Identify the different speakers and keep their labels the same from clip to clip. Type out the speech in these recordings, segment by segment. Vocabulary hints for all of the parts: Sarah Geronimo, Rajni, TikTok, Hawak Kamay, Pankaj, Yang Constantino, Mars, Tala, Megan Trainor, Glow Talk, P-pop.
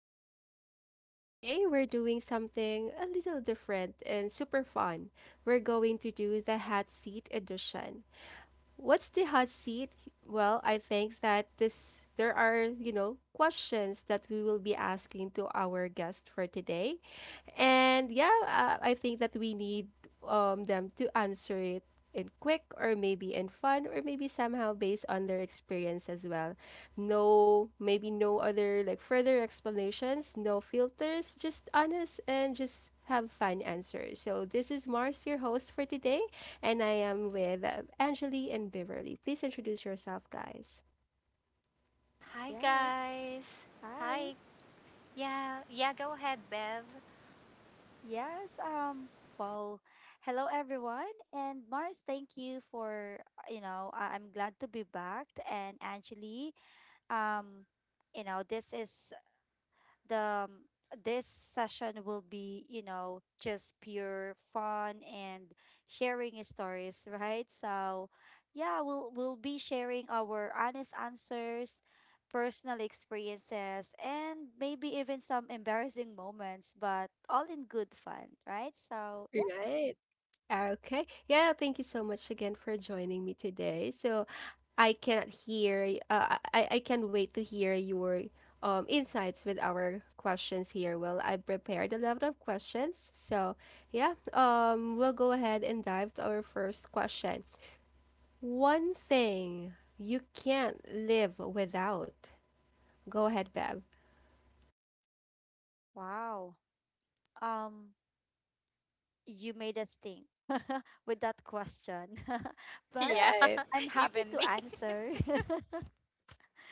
Speaker 1: Glow Talk. Today, we're doing something a little different and super fun. We're going to do the hot seat edition. What's the hot seat? Well, I think that this there are, questions that we will be asking to our guest for today. And yeah, I think that we need them to answer it in quick or maybe in fun or maybe somehow based on their experience as well. No, maybe no other like further explanations, no filters, just honest and just have fun answers. So this is Mars, your host for today, and I am with Angeli and Beverly. Please introduce yourself, guys.
Speaker 2: Hi,
Speaker 3: Yes.
Speaker 2: guys.
Speaker 3: Hi.
Speaker 2: Hi. Yeah. Yeah, go ahead, Bev.
Speaker 3: Yes. Well, hello everyone, and Mars, thank you for I'm glad to be back, and Anjali, um, this is the this session will be, you know, just pure fun and sharing stories, right? So, yeah, we'll be sharing our honest answers, personal experiences, and maybe even some embarrassing moments, but all in good fun, right? So, yeah.
Speaker 1: Right. Okay. Yeah, thank you so much again for joining me today. So I can't wait to hear your insights with our questions here. Well, I prepared a lot of questions. So, yeah, we'll go ahead and dive to our first question. One thing you can't live without. Go ahead, Bev.
Speaker 3: Wow. Um you made us think with that question. But
Speaker 2: Yeah.
Speaker 1: Right.
Speaker 3: I'm happy to
Speaker 2: Even me.
Speaker 3: answer.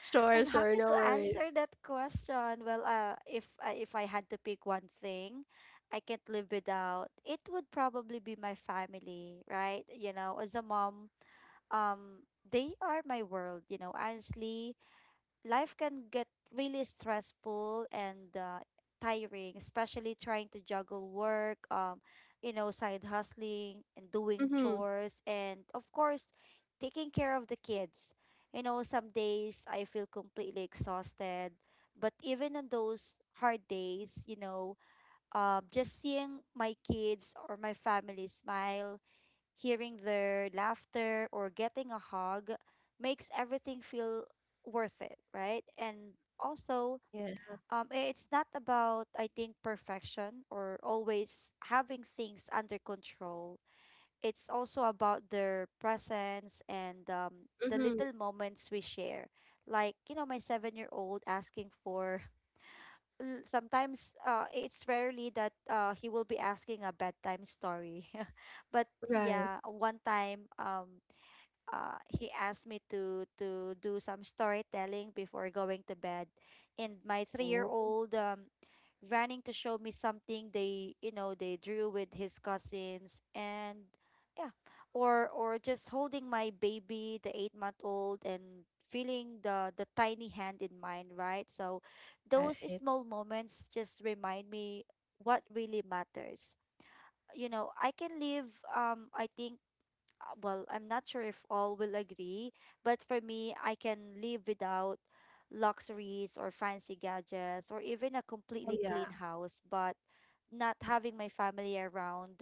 Speaker 1: Sure,
Speaker 3: I'm
Speaker 1: sure,
Speaker 3: happy
Speaker 1: no
Speaker 3: to
Speaker 1: worries.
Speaker 3: answer that question. Well, if I had to pick one thing I can't live without, it would probably be my family, right? You know, as a mom, they are my world. You know, honestly, life can get really stressful and tiring, especially trying to juggle work, you know, side hustling and doing
Speaker 1: Mhm.
Speaker 3: chores, and of course, taking care of the kids. You know, some days I feel completely exhausted, but even on those hard days, you know, just seeing my kids or my family smile, hearing their laughter or getting a hug makes everything feel worth it, right? And also,
Speaker 1: Yeah.
Speaker 3: it's not about, I think, perfection or always having things under control. It's also about their presence and the
Speaker 1: Mhm.
Speaker 3: little moments we share. Like, you know, my 7-year old asking for sometimes, it's rarely that he will be asking a bedtime story. But
Speaker 1: Right.
Speaker 3: yeah, one time, he asked me to do some storytelling before going to bed, and my
Speaker 1: Oh,
Speaker 3: 3-year-old, running to show me something they, you know, they drew with his cousins, and yeah, or just holding my baby, the 8-month old, and feeling the tiny hand in mine, right? So those
Speaker 1: right.
Speaker 3: small moments just remind me what really matters. You know, I can live, I think, well, I'm not sure if all will agree, but for me, I can live without luxuries or fancy gadgets or even a
Speaker 1: Oh,
Speaker 3: completely clean
Speaker 1: yeah.
Speaker 3: house, but not having my family around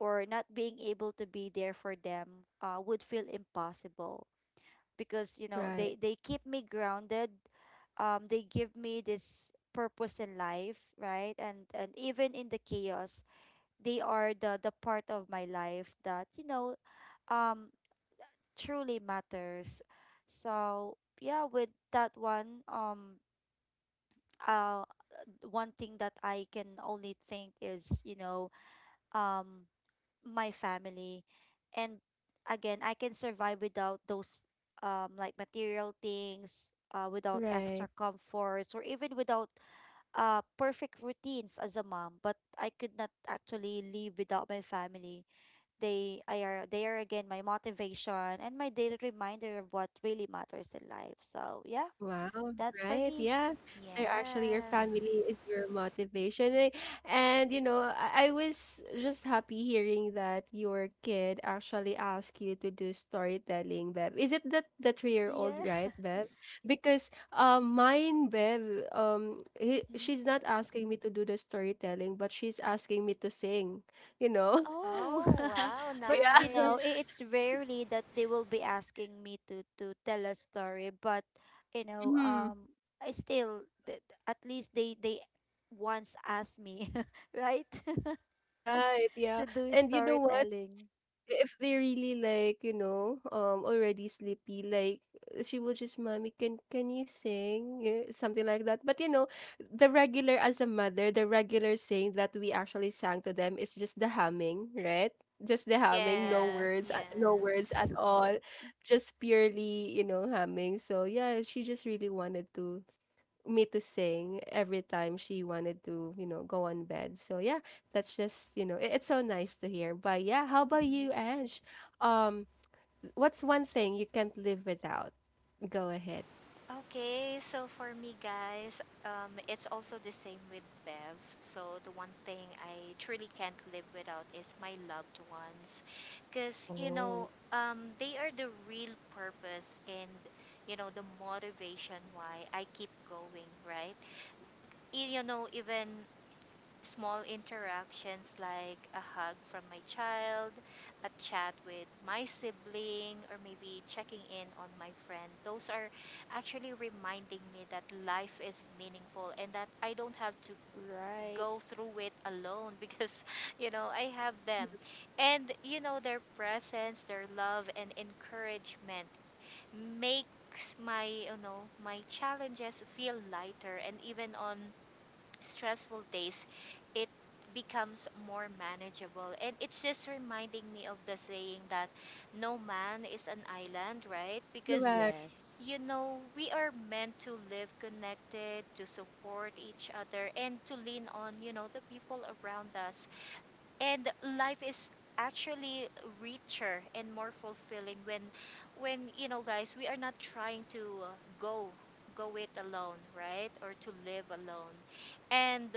Speaker 3: or not being able to be there for them, would feel impossible, because, you know, they
Speaker 1: Right.
Speaker 3: they keep me grounded, they give me this purpose in life, right? And even in the chaos, they are the part of my life that, you know, um truly matters. So yeah, with that one, uh, one thing that I can only think is, you know, um, my family. And again, I can survive without those, like material things. Without extra
Speaker 1: Right.
Speaker 3: comforts or even without perfect routines as a mom, but I could not actually live without my family. They are again my motivation and my daily reminder of what really matters in life. So yeah,
Speaker 1: Wow,
Speaker 3: that's for
Speaker 1: right.
Speaker 3: me.
Speaker 1: Yeah. They're actually your
Speaker 2: Yeah.
Speaker 1: family is your motivation. Eh, and you know, I was just happy hearing that your kid actually asked you to do storytelling, Bev. Is it the three-year-old,
Speaker 3: Yeah.
Speaker 1: right, Bev? Because mine, Bev,
Speaker 3: Hmm.
Speaker 1: she's not asking me to do the storytelling, but she's asking me to sing, you know?
Speaker 3: Oh.
Speaker 2: Oh, wow.
Speaker 3: But you
Speaker 1: Yeah.
Speaker 3: know,
Speaker 2: Nice.
Speaker 3: it's rarely that they will be asking me to tell a story, but you know,
Speaker 1: Mhm.
Speaker 3: um, I still at least they once asked me, right,
Speaker 1: Right, yeah.
Speaker 3: to do
Speaker 1: And you know what?
Speaker 3: storytelling.
Speaker 1: If they really, like, you know, already sleepy, like, she will just, mommy can you sing, you something like that. But, you know, the regular as a mother the regular saying that we actually sang to them is just the humming, right? Just the humming, no
Speaker 2: Yeah.
Speaker 1: words,
Speaker 3: Yes.
Speaker 2: Yeah.
Speaker 1: no words at all, just purely, you know, humming. So yeah, she just really wanted to me to sing every time she wanted to, you know, go on bed. So yeah, that's just, you know, it's so nice to hear. But yeah, how about
Speaker 3: Mhm.
Speaker 1: you, Ange? Um, what's one thing you can't live without? Go ahead.
Speaker 2: Okay, so for me, guys, it's also the same with Bev. So the one thing I truly can't live without is my loved ones because, you know,
Speaker 1: Oh,
Speaker 2: they are the real purpose and, you know, the motivation why I keep going, right? You know, even small interactions like a hug from my child, a chat with my sibling, or maybe checking in on my friend, those are actually reminding me that life is meaningful and that I don't have to
Speaker 3: Right.
Speaker 2: go through it alone because, you know, I have them. And, you know, their presence, their love, and encouragement makes my you know my challenges feel lighter, and even on stressful days, it becomes more manageable. And it's just reminding me of the saying that no man is an island, right? Because,
Speaker 1: correct.
Speaker 3: Yes.
Speaker 2: you know, we are meant to live connected, to support each other, and to lean on, you know, the people around us. And life is actually richer and more fulfilling when you know, guys, we are not trying to uh, go go it alone, right, or to live alone. And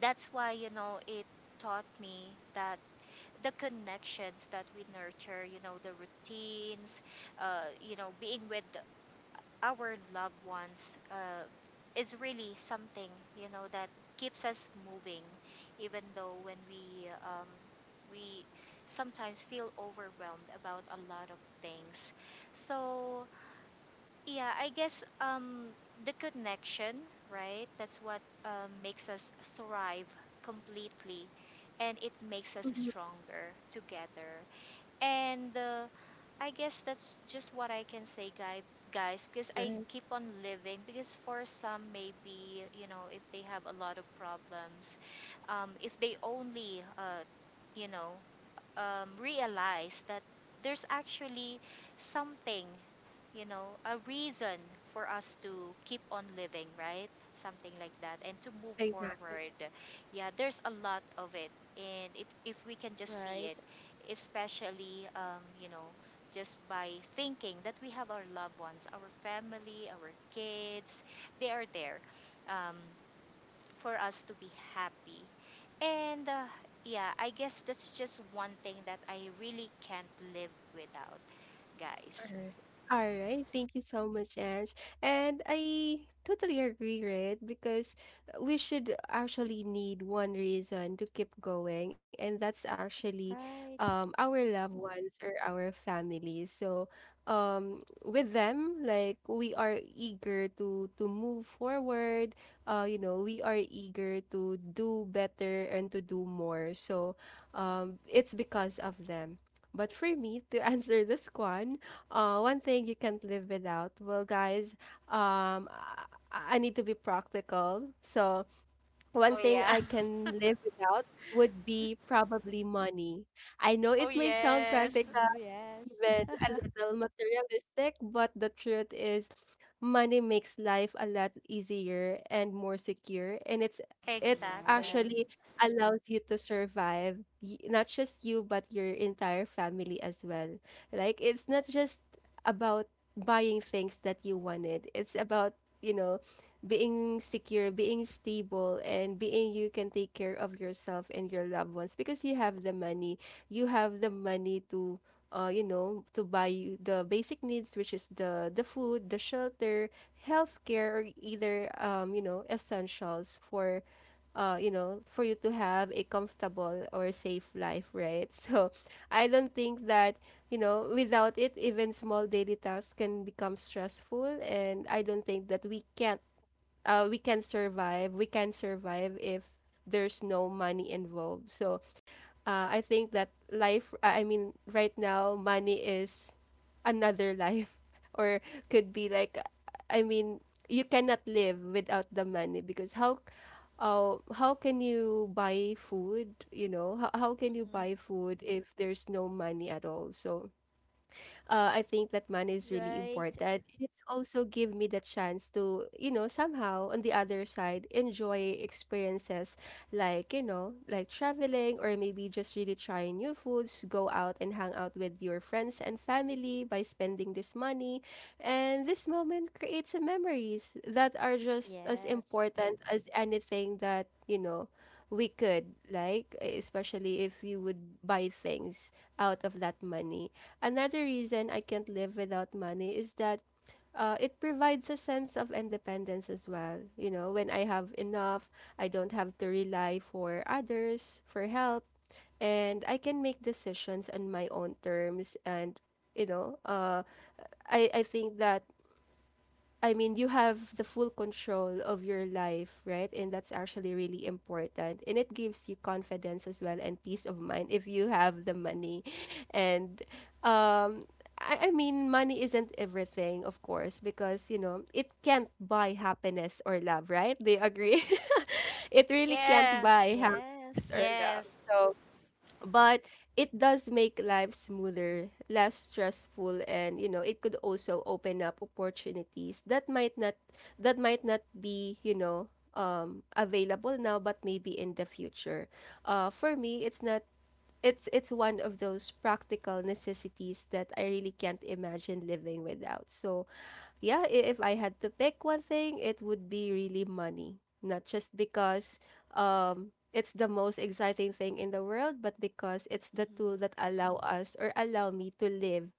Speaker 2: that's why, you know, it taught me that the connections that we nurture, you know, the routines, you know, being with our loved ones, is really something, you know, that keeps us moving, even though when we sometimes feel overwhelmed about a lot of things. So, yeah, I guess, the connection, right? That's what, makes us thrive completely, and it makes us
Speaker 1: Mhm.
Speaker 2: stronger together. And, I guess that's just what I can say, guys, because I
Speaker 1: Right.
Speaker 2: keep on living. Because for some, maybe, you know, if they have a lot of problems, if they only, you know, realize that there's actually something, you know, a reason for us to keep on living, right? Something like that, and to move
Speaker 1: Exactly.
Speaker 2: forward. Yeah, there's a lot of it, and if we can just see
Speaker 3: Right.
Speaker 2: it, especially, you know, just by thinking that we have our loved ones, our family, our kids, they are there. Um, for us to be happy. And, yeah, I guess that's just one thing that I really can't live without,
Speaker 1: All
Speaker 2: guys.
Speaker 1: right. All right. Thank you so much, Ange. And I totally agree, right? Because we should actually need one reason to keep going, and that's actually
Speaker 3: Right.
Speaker 1: our loved ones or our family. So with them, like, we are eager to move forward. You know, we are eager to do better and to do more. So it's because of them. But for me, to answer this one, one thing you can't live without. Well, guys, um, I need to be practical. So, one
Speaker 2: Oh,
Speaker 1: thing
Speaker 2: yeah.
Speaker 1: I
Speaker 3: Mm-hmm.
Speaker 1: can live without would be probably money. I know
Speaker 2: Oh,
Speaker 1: it may sound
Speaker 2: yes.
Speaker 1: practical,
Speaker 3: Mm-hmm. Yes.
Speaker 1: even a little materialistic, but the truth is, money makes life a lot easier and more secure, and it's
Speaker 2: Exactly.
Speaker 1: actually
Speaker 3: Yes.
Speaker 1: allows you to survive, y- not just you but your entire family as well. Like, it's not just about buying things that you wanted. It's about, you know, being secure, being stable, and being you can take care of yourself and your loved ones because you have the money. You have the money to you know, to buy the basic needs, which is the food, the shelter, healthcare, or either you know, essentials for you know, for you to have a comfortable or safe life, right? So I don't think that, you know, without it, even small daily tasks can become stressful, and I don't think that we can't we can survive. We can survive if there's no money involved. So I think that life, I mean, right now, money is another life, or could be like, I mean, you cannot live without the money. Because how can you buy food? You know, how can you
Speaker 3: Mm-hmm.
Speaker 1: buy food if there's no money at all? So, I think that money is really
Speaker 3: Right.
Speaker 1: important. It's also give me the chance to, you know, somehow on the other side, enjoy experiences like, you know, like traveling or maybe just really trying new foods, go out and hang out with your friends and family by spending this money. And this moment creates a memories that are just as
Speaker 3: Yes.
Speaker 1: important as anything that, you know, we could, like, especially if you would buy things out of that money. Another reason I can't live without money is that it provides a sense of independence as well. You know, when I have enough, I don't have to rely for others for help, and I can make decisions on my own terms. And you know, I think that, I mean, you have the full control of your life, right? And that's actually really important. And it gives you confidence as well and peace of mind if you have the money. And um, I mean, money isn't everything, of course, because, you know, it can't buy happiness or love, right? Do you agree? It really can't
Speaker 2: Yeah.
Speaker 1: buy happiness or
Speaker 3: Yes.
Speaker 1: love.
Speaker 2: Yes.
Speaker 1: So, but it does make life smoother, less stressful, and you know it could also open up opportunities that might not be, you know, available now, but maybe in the future. For me, it's not. It's one of those practical necessities that I really can't imagine living without. So yeah, if I had to pick one thing, it would be really money. Not just because it's the most exciting thing in the world, but because it's the tool that allow us or allow me to live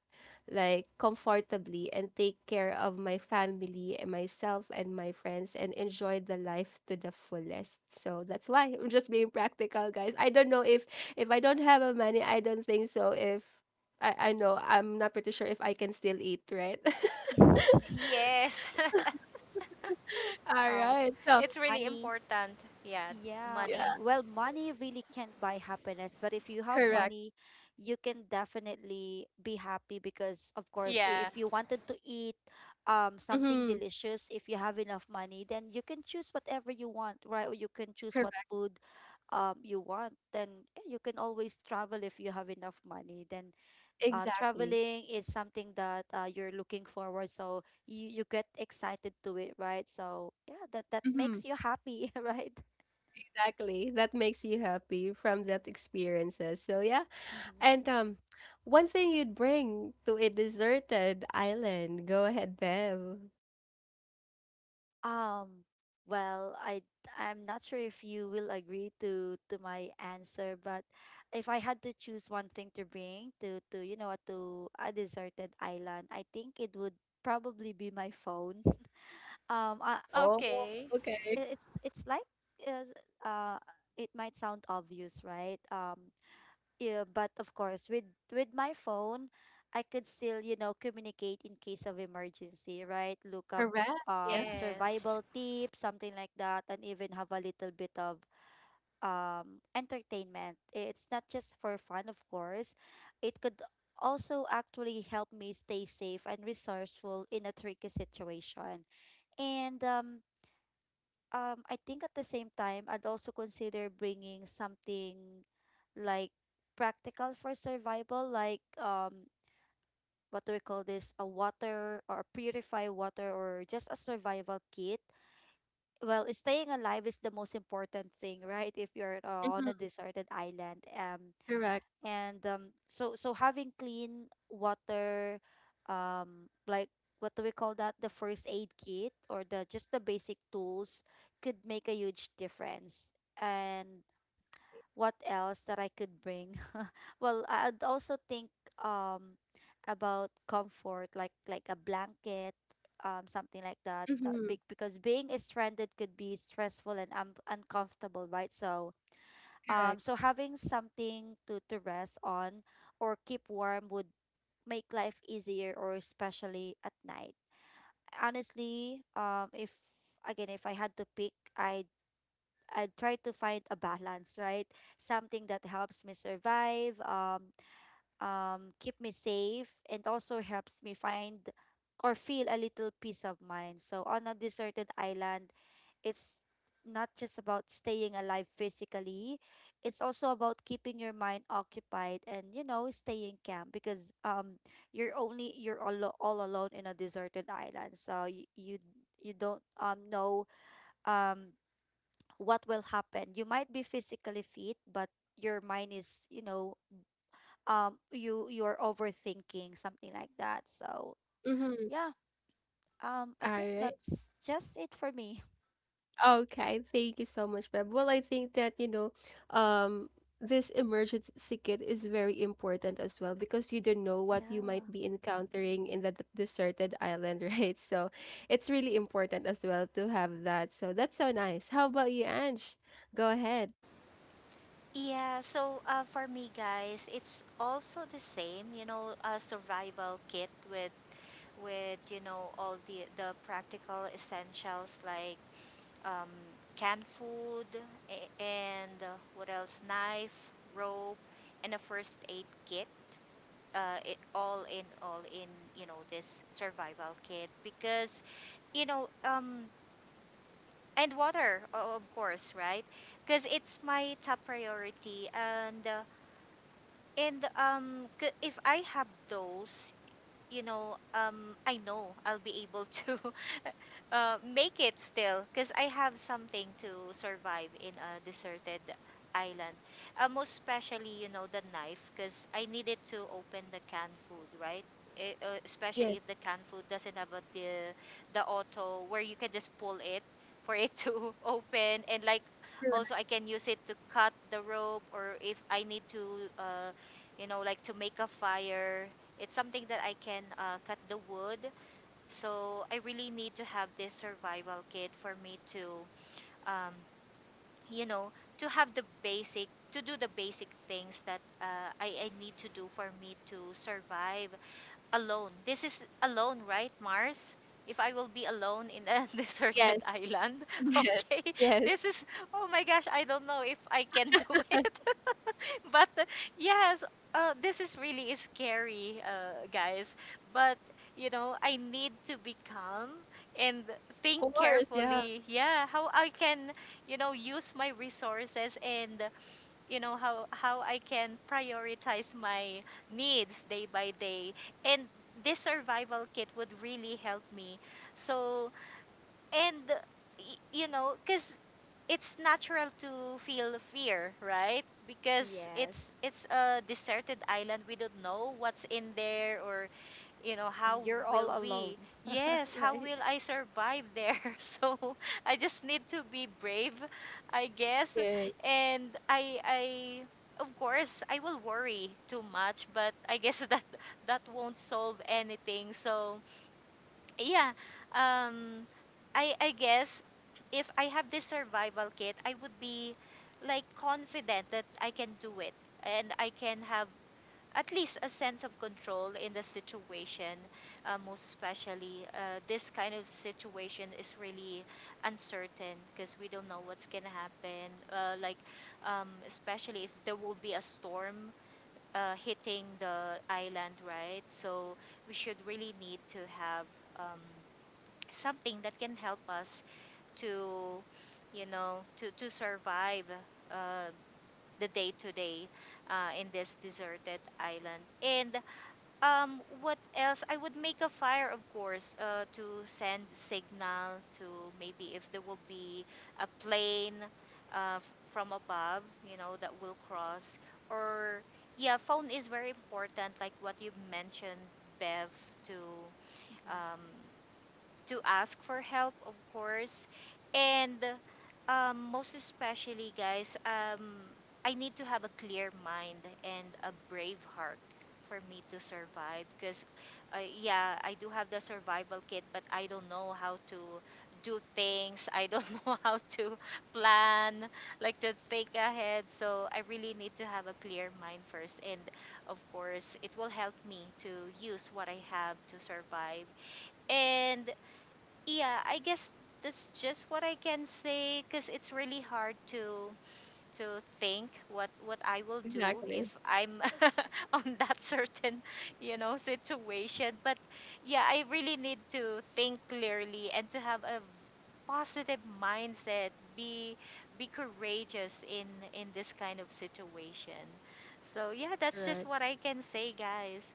Speaker 1: like comfortably and take care of my family and myself and my friends and enjoy the life to the fullest. So that's why I'm just being practical, guys. I don't know if I don't have a money, I don't think so if I know I'm not pretty sure if I can still eat, right?
Speaker 3: Mm-hmm.
Speaker 2: Yes.
Speaker 3: um,
Speaker 1: Alright, so
Speaker 2: It's really
Speaker 3: Money.
Speaker 2: important. Yeah.
Speaker 3: Yeah,
Speaker 1: yeah,
Speaker 2: Money.
Speaker 3: well, money really can't buy happiness, but if you have
Speaker 1: correct.
Speaker 3: money, you can definitely be happy because, of course,
Speaker 2: Yeah.
Speaker 3: if you wanted to eat something
Speaker 1: Mhm,
Speaker 3: delicious, if you have enough money, then you can choose whatever you want, right? Or you can choose what
Speaker 1: correct,
Speaker 3: food you want. Then yeah, you can always travel if you have enough money. Then
Speaker 1: exactly.
Speaker 3: traveling is something that, you're looking forward, so you get excited to it, right? So yeah, that
Speaker 1: Mhm,
Speaker 3: makes you happy, right?
Speaker 1: exactly. That makes you happy from that experiences. So yeah, and
Speaker 3: Mm-hmm.
Speaker 1: one thing you'd bring to a deserted island. Go ahead, Bev.
Speaker 3: Um, well, I'm not sure if you will agree to my answer, but if I had to choose one thing to bring to you know to a deserted island, I think it would probably be my phone. Um, uh,
Speaker 1: Oh,
Speaker 2: Okay.
Speaker 1: okay,
Speaker 3: it's, like, is uh it might sound obvious, right? Yeah, but of course, with my phone, I could still, you know, communicate in case of emergency, right? Look up
Speaker 1: correct. Yeah,
Speaker 2: Yes.
Speaker 3: survival tips, something like that, and even have a little bit of entertainment. It's not just for fun, of course. It could also actually help me stay safe and resourceful in a tricky situation. And I think at the same time I'd also consider bringing something, like, practical for survival, like, what do we call this, a water, or purify water, or just a survival kit. Well, staying alive is the most important thing, right? If you're on a
Speaker 1: mhm,
Speaker 3: deserted island,
Speaker 1: correct.
Speaker 3: and, so, having clean water, like, what do we call that, the first aid kit, or the just the basic tools, could make a huge difference. And
Speaker 1: E-,
Speaker 3: what else that I could bring? Well, I'd also think um about comfort, like, a blanket, something like that,
Speaker 1: mm-hmm,
Speaker 3: because being stranded could be stressful and, uncomfortable, right? So,
Speaker 1: correct.
Speaker 3: so having something to, rest on or keep warm would make life easier, or especially at night. Honestly, if, again if I had to pick, I'd try to find a balance, right? Something that helps me survive, keep me safe, and also helps me find or feel a little peace of mind. So on a deserted island, it's not just about staying alive physically, it's also about keeping your mind occupied and, you know, staying calm, because you're, only you're all, alone in a deserted island. So you, you don't know um what will happen. You might be physically fit, but your mind is, you know, you're overthinking, something like that. So
Speaker 1: Mm-hmm.
Speaker 3: yeah, I
Speaker 1: All
Speaker 3: think
Speaker 1: right.
Speaker 3: that's just it for me.
Speaker 1: Okay, thank you so much, Beb. Well, I think that, you know, um, this emergency kit is very important as well because you don't know what you
Speaker 3: Yeah.
Speaker 1: might be encountering in that deserted island, right? So it's really important as well to have that. So that's so nice. How about you, Ange? Go ahead.
Speaker 2: Yeah, so for me, guys, it's also the same, you know, a survival kit with you know, all the practical essentials, like, um, canned food, and what else? Knife, rope, and a first aid kit. It all in you know, this survival kit because, you know, and water, of course, right, because it's my top priority, and if I have those, you know, I know I'll be able to, make it still because I have something to survive in a deserted island. Most especially, you know, the knife, because I needed to open the canned food, right? Especially
Speaker 1: Yes,
Speaker 2: if the canned food doesn't have a, the auto where you can just pull it for it to open, and like also I
Speaker 1: correct.
Speaker 2: can use it to cut the rope, or if I need to, you know, like to make a fire, it's something that I can, cut the wood. So I really need to have this survival kit for me to, um, you know, to have the basic, to do the basic things that, I need to do for me to survive alone. This is alone, right, Mars? If I will be alone in a deserted
Speaker 1: Yes,
Speaker 2: island.
Speaker 1: yes,
Speaker 2: Okay.
Speaker 1: yes.
Speaker 2: This is, oh my gosh, I don't know if I can do it. But yes, this is really scary, guys. But, you know, I need to be calm and
Speaker 1: Of
Speaker 2: think
Speaker 1: course, yeah.
Speaker 2: carefully. Yeah, how I can, you know, use my resources, and you know how I can prioritize my needs day by day. And this survival kit would really help me. So, and you know, because it's natural to feel fear, right, because it's
Speaker 3: Yes.
Speaker 2: it's a deserted island. We don't know what's in there, or, you know, how
Speaker 3: And you're
Speaker 2: will
Speaker 3: all alone,
Speaker 2: we yes, how
Speaker 3: right?
Speaker 2: will I survive there? So I just need to be brave, I guess.
Speaker 1: Yes,
Speaker 2: And I, of course, I will worry too much, but I guess that won't solve anything. So, yeah, um I guess, if I have this survival kit, I would be like confident that I can do it, and I can have at least a sense of control in the situation. Most especially, this kind of situation is really uncertain, because we don't know what's gonna happen, like, especially if there will be a storm, hitting the island, right. So we should really need to have, um, something that can help us to, you know, to survive, uh, the day to day, in this deserted island. And, what else? I would make a fire, of course, to send signal to, maybe if there will be a plane, from above, you know, that will cross. Or, yeah, phone is very important, like what you mentioned, Bev, to
Speaker 3: Hmm.
Speaker 2: um, to ask for help, of course. And, most especially, guys, I need to have a clear mind and a brave heart for me to survive. Because, yeah, I do have the survival kit, but I don't know how to do things. I don't know how to plan, like to think ahead. So I really need to have a clear mind first. And, of course, it will help me to use what I have to survive. And, yeah, I guess that's just what I can say, because it's really hard to think what I will do
Speaker 1: exactly.
Speaker 2: if I'm on that certain, you know, situation. But, yeah, I really need to think clearly and to have a positive mindset, be be courageous in this kind of situation. So, yeah, that's just
Speaker 1: Correct.
Speaker 2: what I can say, guys.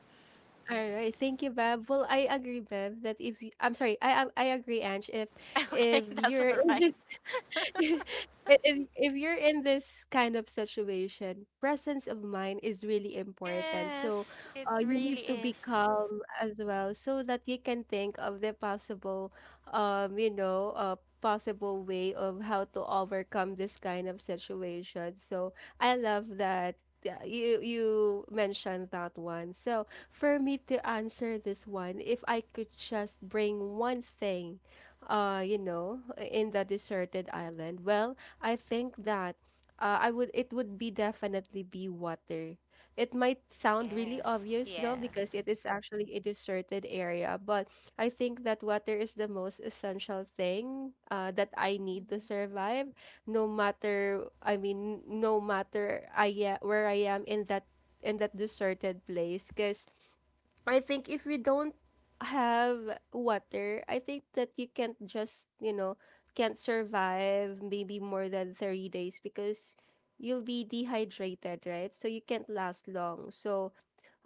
Speaker 1: All right, thank you, Bev. Well, I agree, Bev, that if you, I'm sorry, I agree, Ange,
Speaker 2: Okay,
Speaker 1: if
Speaker 2: that's
Speaker 1: you're
Speaker 2: all
Speaker 1: in
Speaker 2: right.
Speaker 1: if you're in this kind of situation, presence of mind is really important. So,
Speaker 2: Yes, it
Speaker 1: you
Speaker 2: really
Speaker 1: need to be
Speaker 2: is.
Speaker 1: calm as well so that you can think of the possible, you know, possible way of how to overcome this kind of situation. So, I love that. You you mentioned that one. So for me to answer this one, if I could just bring one thing you know, in the deserted island? Well, I think that I would it would be definitely be water. It might
Speaker 2: Oh,
Speaker 1: sound really
Speaker 2: yes.
Speaker 1: obvious though
Speaker 2: Yeah.
Speaker 1: because it is actually a deserted area, but I think that water is the most essential thing that I need to
Speaker 3: Hmm.
Speaker 1: survive, no matter, I mean, no matter where I am in that deserted place, because I think if we don't have water, I think that you can't just, you know, can't survive maybe more than 30 days because you'll be dehydrated, right? So you can't last long. So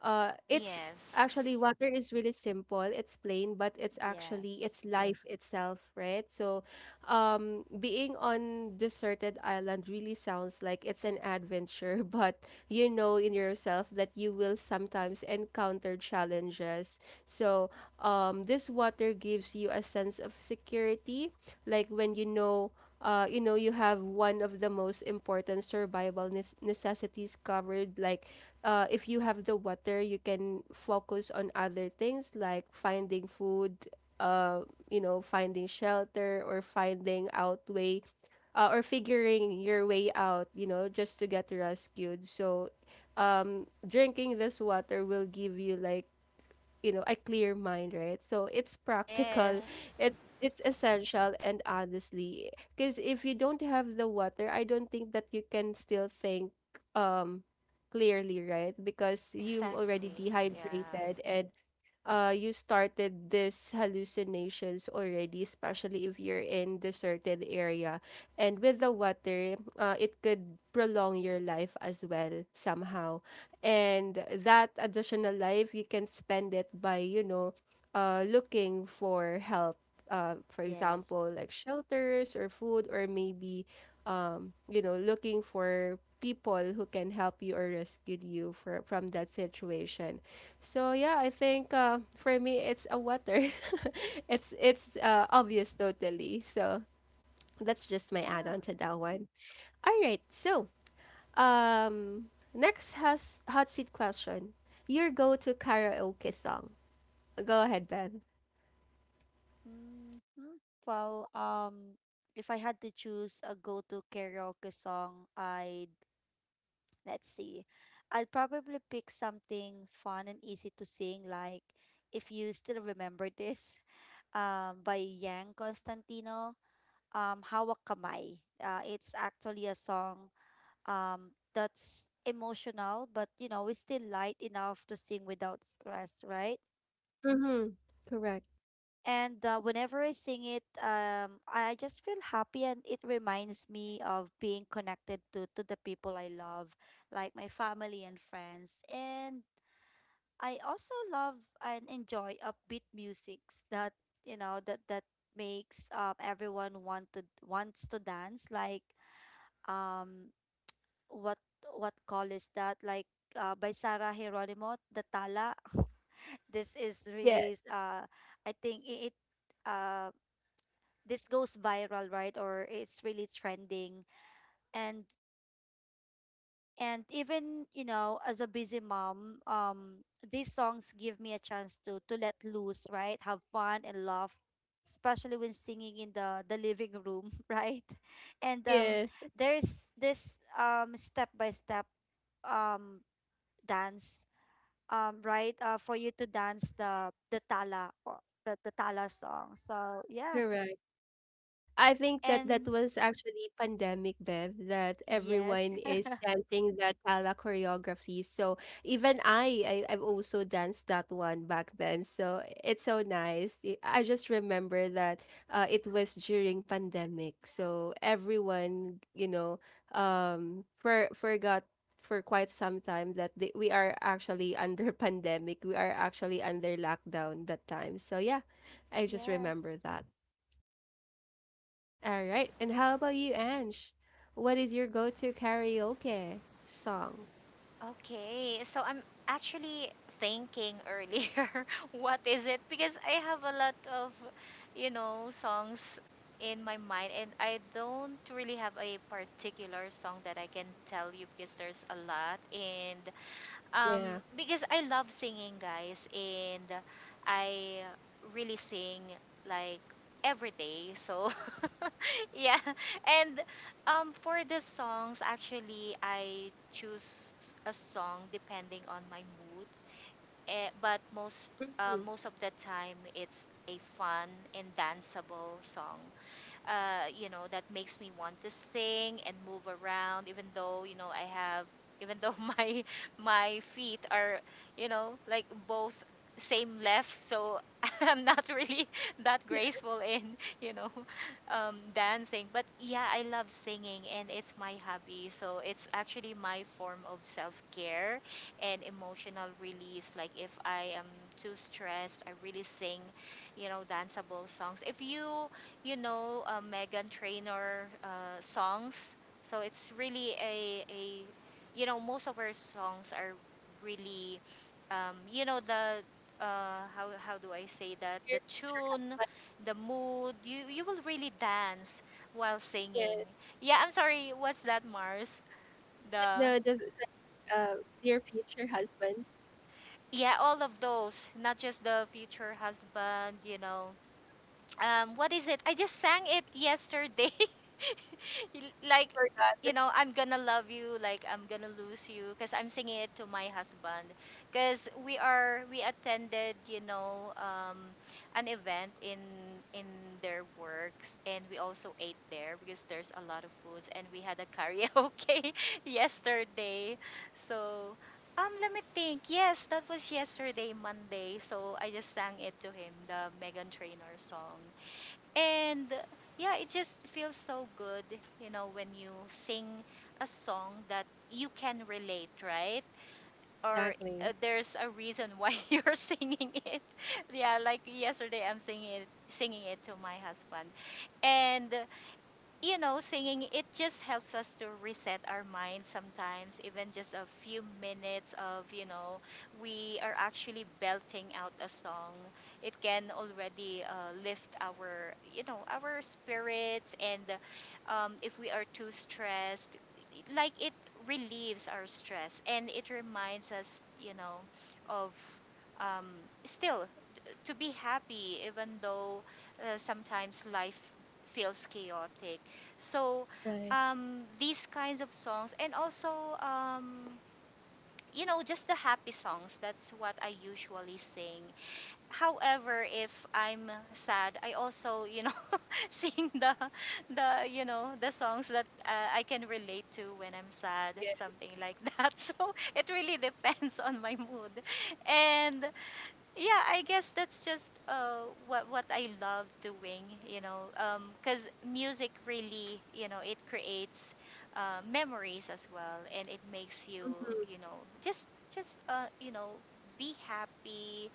Speaker 1: it's
Speaker 2: Yes.
Speaker 1: actually, water is really simple, it's plain, but it's actually
Speaker 3: Yes.
Speaker 1: it's life itself, right? So being on deserted island really sounds like it's an adventure, but you know in yourself that you will sometimes encounter challenges. So this water gives you a sense of security, like, when you know you know you have one of the most important survival nes- necessities covered. Like, if you have the water you can focus on other things like finding food, uh, you know, finding shelter, or finding out way, or figuring your way out, you know, just to get rescued. So drinking this water will give you, like, you know, a clear mind, right? So it's practical.
Speaker 2: Yes.
Speaker 3: Yes.
Speaker 1: It's essential, and honestly, because if you don't have the water, I don't think that you can still think um clearly, right? Because you've already
Speaker 2: Exactly.
Speaker 3: Hmm.
Speaker 2: Yeah.
Speaker 1: dehydrated, and you started these hallucinations already, especially if you're in the certain area. And with the water, it could prolong your life as well somehow. And that additional life you can spend it by, you know, looking for help. For
Speaker 3: Yes.
Speaker 1: example, like shelters or food, or maybe you know, looking for people who can help you or rescue you from that situation. So yeah, I think for me it's a water. It's obvious totally. So that's just my add-on
Speaker 3: Ah.
Speaker 1: to that one. All right. So, um next has hot seat question. Your go-to karaoke song. Go ahead, Bev.
Speaker 3: Hmm. Well, if I had to choose a go-to karaoke song, I'd let's see, I'd probably pick something fun and easy to sing, like, if you still remember this, by Yang Constantino, Hawak Kamay. It's actually a song that's emotional, but, you know, it's still light enough to sing without stress, right?
Speaker 1: Mhm. Correct.
Speaker 3: And, whenever I sing it, I just feel happy and it reminds me of being connected to the people I love, like my family and friends. And I also love and enjoy upbeat musics that, that makes, everyone want, to wants to dance, like, um what what call is that, like, by Sarah Geronimo, the Tala. This is really,
Speaker 1: Yes.
Speaker 3: I think it, it uh this goes viral, right? Or it's really trending. And and even, you know, as a busy mom, these songs give me a chance to let loose, right, have fun, and laugh, especially when singing in the living room. Right? And
Speaker 1: Yes.
Speaker 3: there's this, step by step, um dance, right? For you to dance the tala, or the tala song. So yeah,
Speaker 1: Correct. I think that that
Speaker 3: and
Speaker 1: was actually pandemic, Bev, that
Speaker 3: yes,
Speaker 1: everyone is dancing that ala choreography. So even I've also danced that one back then. So it's so nice. I just remember that it was during pandemic. So everyone, you know, forgot for quite some time that we are actually under pandemic. We are actually under lockdown that time. So yeah, I just
Speaker 3: yes.
Speaker 1: remember that. All right. And how about you, Ange? What is your go-to karaoke song?
Speaker 2: Okay. So I'm actually thinking earlier what is it, because I have a lot of, you know, songs in my mind, and I don't really have a particular song that I can tell you, because there's a lot. And,
Speaker 1: Yeah.
Speaker 2: because I love singing, guys, and I really sing like every day. So, yeah. And, for the songs, actually, I choose a song depending on my mood. But most uh,
Speaker 1: Mm-hmm.
Speaker 2: most of the time, it's a fun and danceable song, you know, that makes me want to sing and move around, even though, you know, even though my feet are, you know, like both same left. So I'm not really that
Speaker 1: Yeah,
Speaker 2: graceful in you know, dancing. But, yeah, I love singing and it's my hobby. So it's actually my form of self care and emotional release. Like, if I am too stressed, I really sing, you know, danceable songs. If you, you know, Megan Trainor, songs. So it's really a, you know, most of her songs are really, you know, how do I say that?
Speaker 1: dear,
Speaker 2: The tune,
Speaker 1: but
Speaker 2: the mood, you will really dance while
Speaker 1: yeah,
Speaker 2: singing.
Speaker 1: is
Speaker 2: Yeah, I'm sorry, what's that, Mars?
Speaker 1: it
Speaker 2: The,
Speaker 1: the uh, dear future husband.
Speaker 2: yeah, all of those, not just the future husband, you know. What is it? I just sang it yesterday.
Speaker 1: You
Speaker 2: Like,
Speaker 1: forgot
Speaker 2: you know, I'm gonna love you, like I'm gonna lose you, because I'm singing it to my husband. Because we attended, you know, an event in their works, and we also ate there because there's a lot of foods, and we had a karaoke yesterday. So, let me think. Yes, that was yesterday, Monday. So I just sang it to him, the Megan Trainor song. And, yeah, it just feels so good, you know, when you sing a song that you can relate, right? Or,
Speaker 1: exactly.
Speaker 2: there's a reason why you're singing it. Yeah, like yesterday I'm singing it to my husband. And, you know, singing, it just helps us to reset our mind sometimes, even just a few minutes of, you know, we are actually belting out a song. It can already, lift our spirits. And If we are too stressed, like it relieves our stress and it reminds us, of um, still to be happy even though sometimes life feels chaotic, so
Speaker 1: Right.
Speaker 2: these kinds of songs and also um, you know, just the happy songs, that's what I usually sing. However, if I'm sad I also, you know, sing the you know the songs that I can relate to when I'm sad,
Speaker 1: Yeah.
Speaker 2: something like that. So it really depends on my mood. And yeah, I guess that's just what I love doing, you know, because music really, you know, it creates memories as well, and it makes you,
Speaker 1: Mm-hmm.
Speaker 2: you know, just you know, be happy,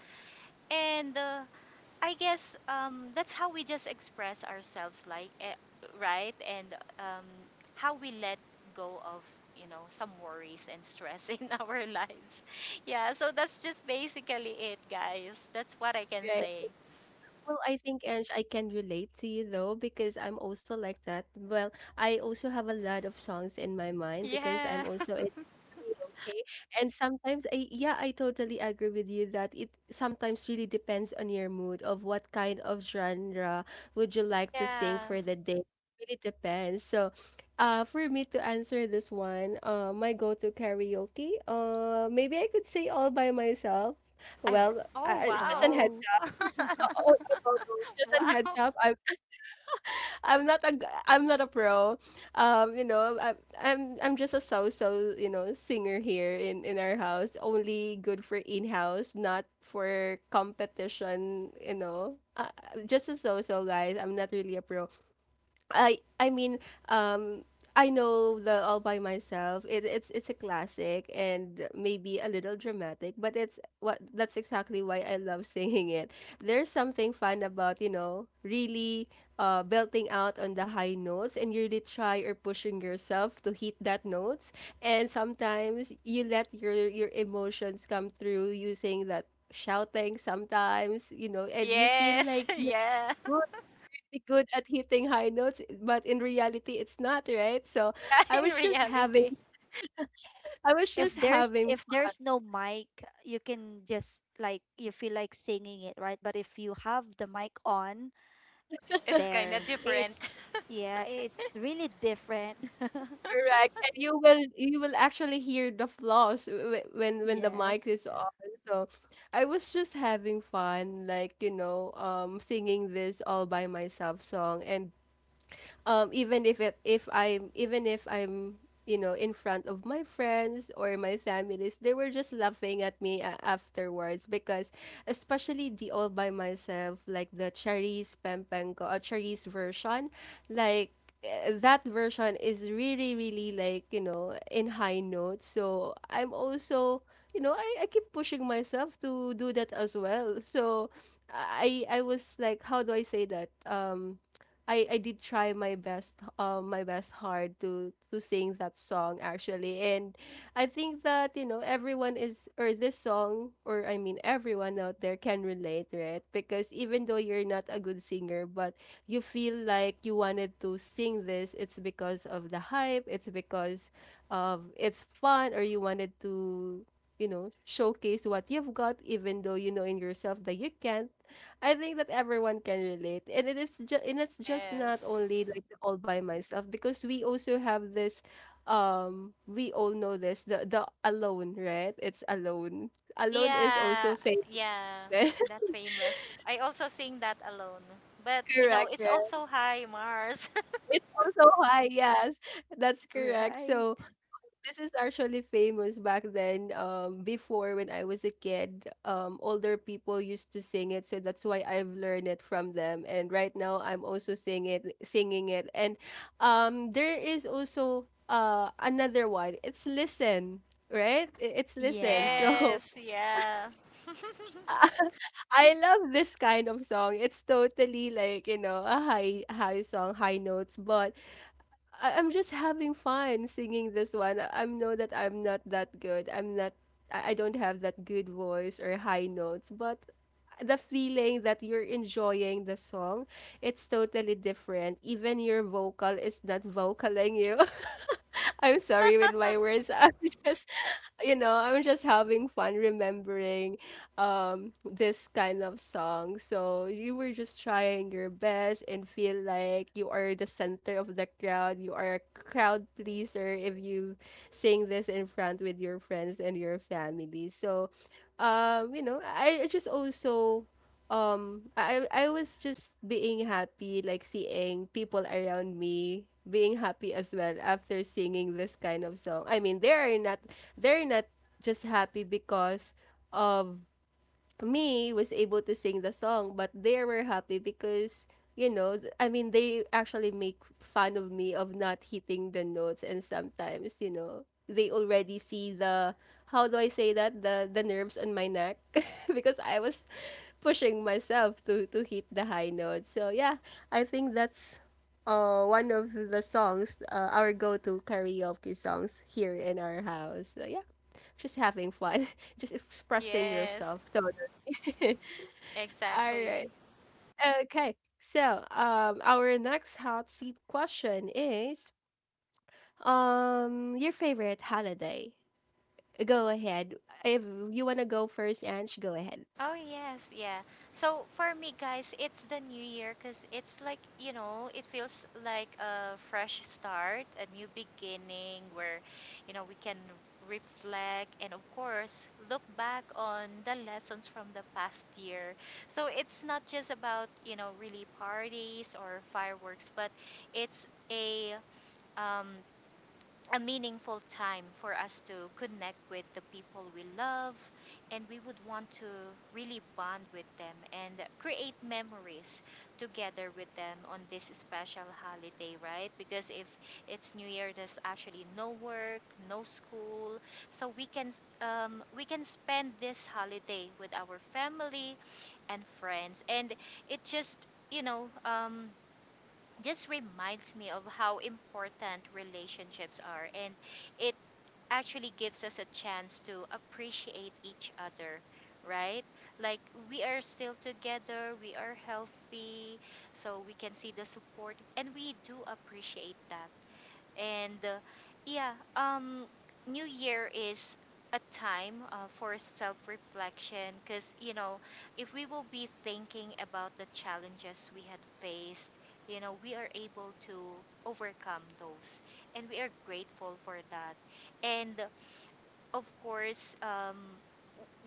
Speaker 2: and I guess that's how we just express ourselves, like, eh, right, and how we let go of, you know, some worries and stress in our lives. Yeah, so that's just basically it, guys. That's what I can say.
Speaker 1: Well, I think, Ange, I can relate to you though because I'm also like that. Well, I also have a lot of songs in my mind because I'm
Speaker 2: Yeah,
Speaker 1: also in karaoke. And sometimes I yeah, I totally agree with you that it sometimes really depends on your mood of what kind of genre would you like to sing
Speaker 2: yeah.
Speaker 1: for the day. It really depends. So, for me to answer this one, my go-to karaoke, maybe I could say all by myself.
Speaker 2: I
Speaker 1: Well, I,
Speaker 2: oh
Speaker 1: just an
Speaker 2: wow,
Speaker 1: head.
Speaker 3: Wow.
Speaker 1: Oh, I don't know. Just a heads
Speaker 2: wow.
Speaker 1: up. I'm not a I'm not a pro. You know, I'm just a so-so, you know, singer here in our house. Only good for in-house, not for competition, you know. Just a so-so, guys. I'm not really a pro. I mean, um, I know the All by Myself. It's a classic and maybe a little dramatic, but it's what that's exactly why I love singing it. There's something fun about you know really belting out on the high notes and you really try or pushing yourself to hit that notes. And sometimes you let your emotions come through using that shouting. Sometimes you know, and you feel
Speaker 2: Yes,
Speaker 1: like you're
Speaker 2: yeah,
Speaker 1: good good at hitting high notes, but in reality, it's not, right? So
Speaker 2: yeah.
Speaker 1: I
Speaker 2: In
Speaker 1: was just having,
Speaker 2: reality,
Speaker 1: I was
Speaker 3: If
Speaker 1: just
Speaker 3: there's
Speaker 1: having
Speaker 3: if
Speaker 1: fun.
Speaker 3: there's no mic, you can just, like, you feel like singing it, right? But if you have the mic on,
Speaker 2: it's kind of
Speaker 3: there
Speaker 2: different.
Speaker 3: it's yeah, it's really different.
Speaker 1: Correct. And you will actually hear the flaws when the mic
Speaker 3: Yes.
Speaker 1: is on. So I was just having fun, like, you know, singing this all by myself song. And even if it, if I'm even if I'm you know in front of my friends or my families, they were just laughing at me afterwards because especially the all by myself like the Charisse Pempenko, Charisse version, like that version is really really like you know in high notes so I'm also you know I keep pushing myself to do that as well so I was like how do I say that I did try my best hard to sing that song actually and I think that you know everyone is or this song or I mean everyone out there can relate right because even though you're not a good singer but you feel like you wanted to sing this it's because of the hype it's because of it's fun or you wanted to you know showcase what you've got even though you know in yourself that you can't I think that everyone can relate. And it's just not
Speaker 2: Yes.
Speaker 1: only like the all by myself because we also have this we all know this the alone, right? It's alone. Alone is
Speaker 2: Yeah,
Speaker 1: also famous.
Speaker 2: yeah, that's famous. I also sing that alone. But you know,
Speaker 1: correct,
Speaker 2: it's
Speaker 1: right?
Speaker 2: also high Mars.
Speaker 1: It's also high, yes. That's correct. So
Speaker 3: Right.
Speaker 1: this is actually famous back then. Before when I was a kid, older people used to sing it, so that's why I've learned it from them. And right now, I'm also singing it. And there is also another one. It's listen, right? It's listen.
Speaker 3: Yeah.
Speaker 1: So
Speaker 2: Yes, yeah.
Speaker 1: I love this kind of song. It's totally like you know a high high song, high notes, but I'm just having fun singing this one. I know that I'm not that good. I'm not I I don't have that good voice or high notes, but the feeling that you're enjoying the song, it's totally different. Even your vocal is not vocaling you. I'm sorry with my words. I'm just, you know, I'm just having fun remembering this kind of song. So you were just trying your best and feel like you are the center of the crowd. You are a crowd pleaser if you sing this in front with your friends and your family. So you know, I just also I was just being happy, like seeing people around me being happy as well after singing this kind of song. I mean, they're not just happy because of me was able to sing the song, but they were happy because you know, I mean, they actually make fun of me of not hitting the notes, and sometimes you know they already see the how do I say that the nerves on my neck because I was pushing myself to hit the high notes. So yeah, I think that's one of the songs our go to karaoke songs here in our house. So yeah just having fun, just expressing
Speaker 2: yes,
Speaker 1: yourself totally. All right.
Speaker 2: exactly.
Speaker 1: Okay. So, our next hot seat question is, your favorite holiday. Go ahead. If you wanna go first, Ange, go ahead.
Speaker 2: Oh yes, yeah. So for me guys, it's the new year, cuz it's like, you know, it feels like a fresh start, a new beginning where, you know, we can reflect and of course look back on the lessons from the past year. So it's not just about, you know, really parties or fireworks, but it's um a meaningful time for us to connect with the people we love and we would want to really bond with them and create memories together with them on this special holiday, right? Because if it's new year, there's actually no work, no school, so we can, we can spend this holiday with our family and friends, and it just, you know, just reminds me of how important relationships are, and it actually gives us a chance to appreciate each other, right? Like, we are still together, we are healthy, so we can see the support and we do appreciate that. And yeah, um, New Year is a time for self reflection because, you know, if we will be thinking about the challenges we had faced, you know, we are able to overcome those. And we are grateful for that. And of course,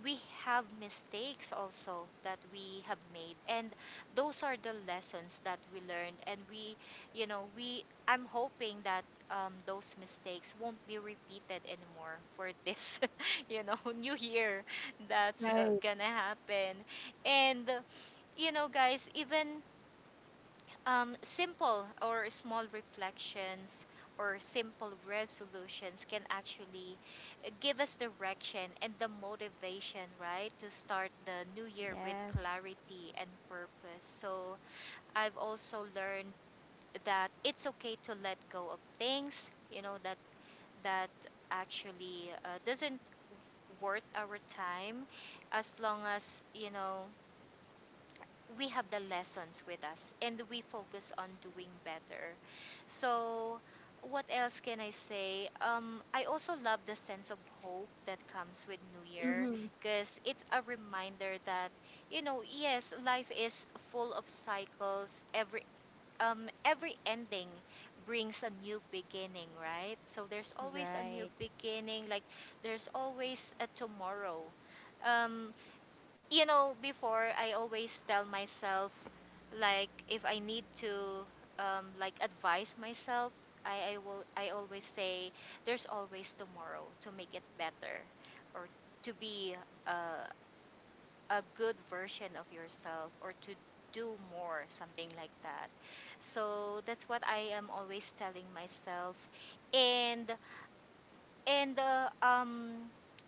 Speaker 2: we have mistakes also that we have made, and those are the lessons that we learned, and we, you know, we I'm hoping that those mistakes won't be repeated anymore for this you know new year that's
Speaker 1: Right.
Speaker 2: gonna happen. And you know guys, even simple or small reflections or simple resolutions can actually give us direction and the motivation, right, to start the new year with
Speaker 3: Yes.
Speaker 2: clarity and purpose. So I've also learned that it's okay to let go of things, you know, that that actually doesn't worth our time, as long as, you know, we have the lessons with us and we focus on doing better. So, what else can I say? I also love the sense of hope that comes with New Year
Speaker 1: Mm-hmm.
Speaker 2: because it's a reminder that, you know, yes, life is full of cycles. Every ending brings a new beginning, right? So there's always a new
Speaker 3: Right.
Speaker 2: beginning. Like there's always a tomorrow. Um, you know, before I always tell myself, like, if I need to, like, advise myself, I will. I always say, there's always tomorrow to make it better, or to be uh, a good version of yourself, or to do more, something like that. So that's what I am always telling myself, and and uh, um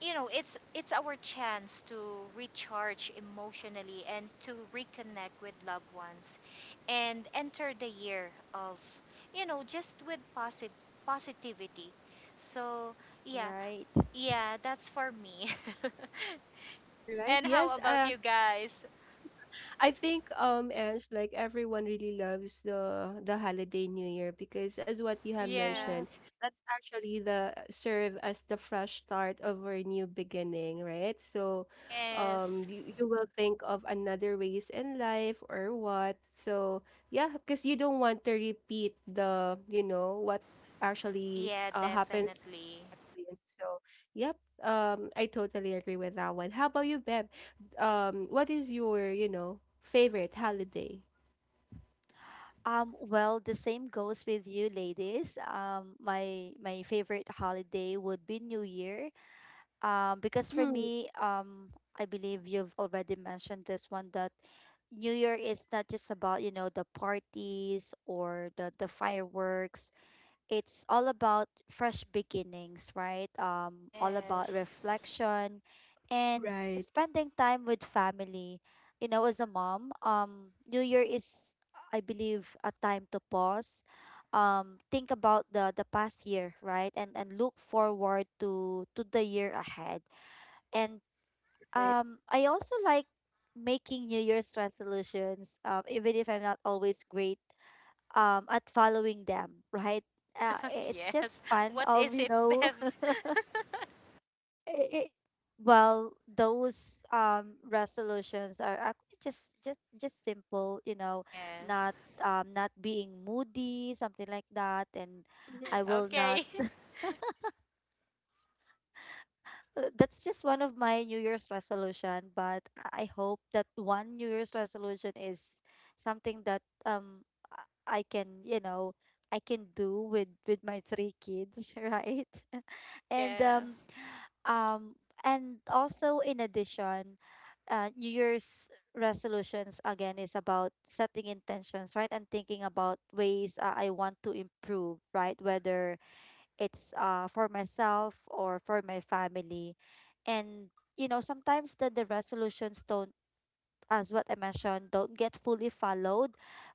Speaker 2: you know it's our chance to recharge emotionally and to reconnect with loved ones and enter the year of, you know, just with posit- positivity, so yeah.
Speaker 3: Right.
Speaker 2: Yeah, that's for me.
Speaker 1: All right.
Speaker 2: And how
Speaker 1: Yes.
Speaker 2: about you guys?
Speaker 1: I think Ange, like everyone really loves the holiday New Year because as what you have
Speaker 2: Yeah.
Speaker 3: Yeah.
Speaker 1: mentioned, that's actually the serve as the fresh start of our new beginning, right? So
Speaker 2: Yes,
Speaker 1: you, you will think of another ways in life or what. So yeah, because you don't want to repeat the, you know, what actually
Speaker 2: yeah,
Speaker 1: happens
Speaker 2: definitely.
Speaker 1: exactly. And so, yep. I totally agree with that one. How about you, Beb? What is your, you know, favorite holiday?
Speaker 3: Well, the same goes with you, ladies. My favorite holiday would be New Year. Because for
Speaker 1: Mm-hmm.
Speaker 3: me, I believe you've already mentioned this one, that New Year is not just about, you know, the parties or the fireworks, it's all about fresh beginnings, right? All about
Speaker 2: Yes.
Speaker 3: reflection and
Speaker 1: Right.
Speaker 3: spending time with family. You know, as a mom, New Year is, I believe, a time to pause, think about the past year, right? And look forward to the year ahead. And
Speaker 1: Right.
Speaker 3: I also like making New Year's resolutions, even if I'm not always great at following them, right? It's just
Speaker 2: Yes,
Speaker 3: fun
Speaker 2: what
Speaker 3: of,
Speaker 2: is
Speaker 3: you
Speaker 2: it,
Speaker 3: know—
Speaker 2: Bev?
Speaker 3: i- i- well, those, resolutions are actually just simple, you know,
Speaker 2: Yes.
Speaker 3: not not being moody, something like that, and I
Speaker 1: Mm-hmm.
Speaker 3: will not.
Speaker 2: Okay.
Speaker 3: That's just one of my New Year's resolution, but I hope that one New Year's resolution is something that, I I can, you know, I can do with my three kids, right? And
Speaker 2: Yeah.
Speaker 3: um also, in addition, New Year's resolutions, again, is about setting intentions, right? And thinking about ways, I want to improve, right? Whether it's for myself or for my family. And sometimes that the resolutions don't, as what I mentioned, don't get fully followed,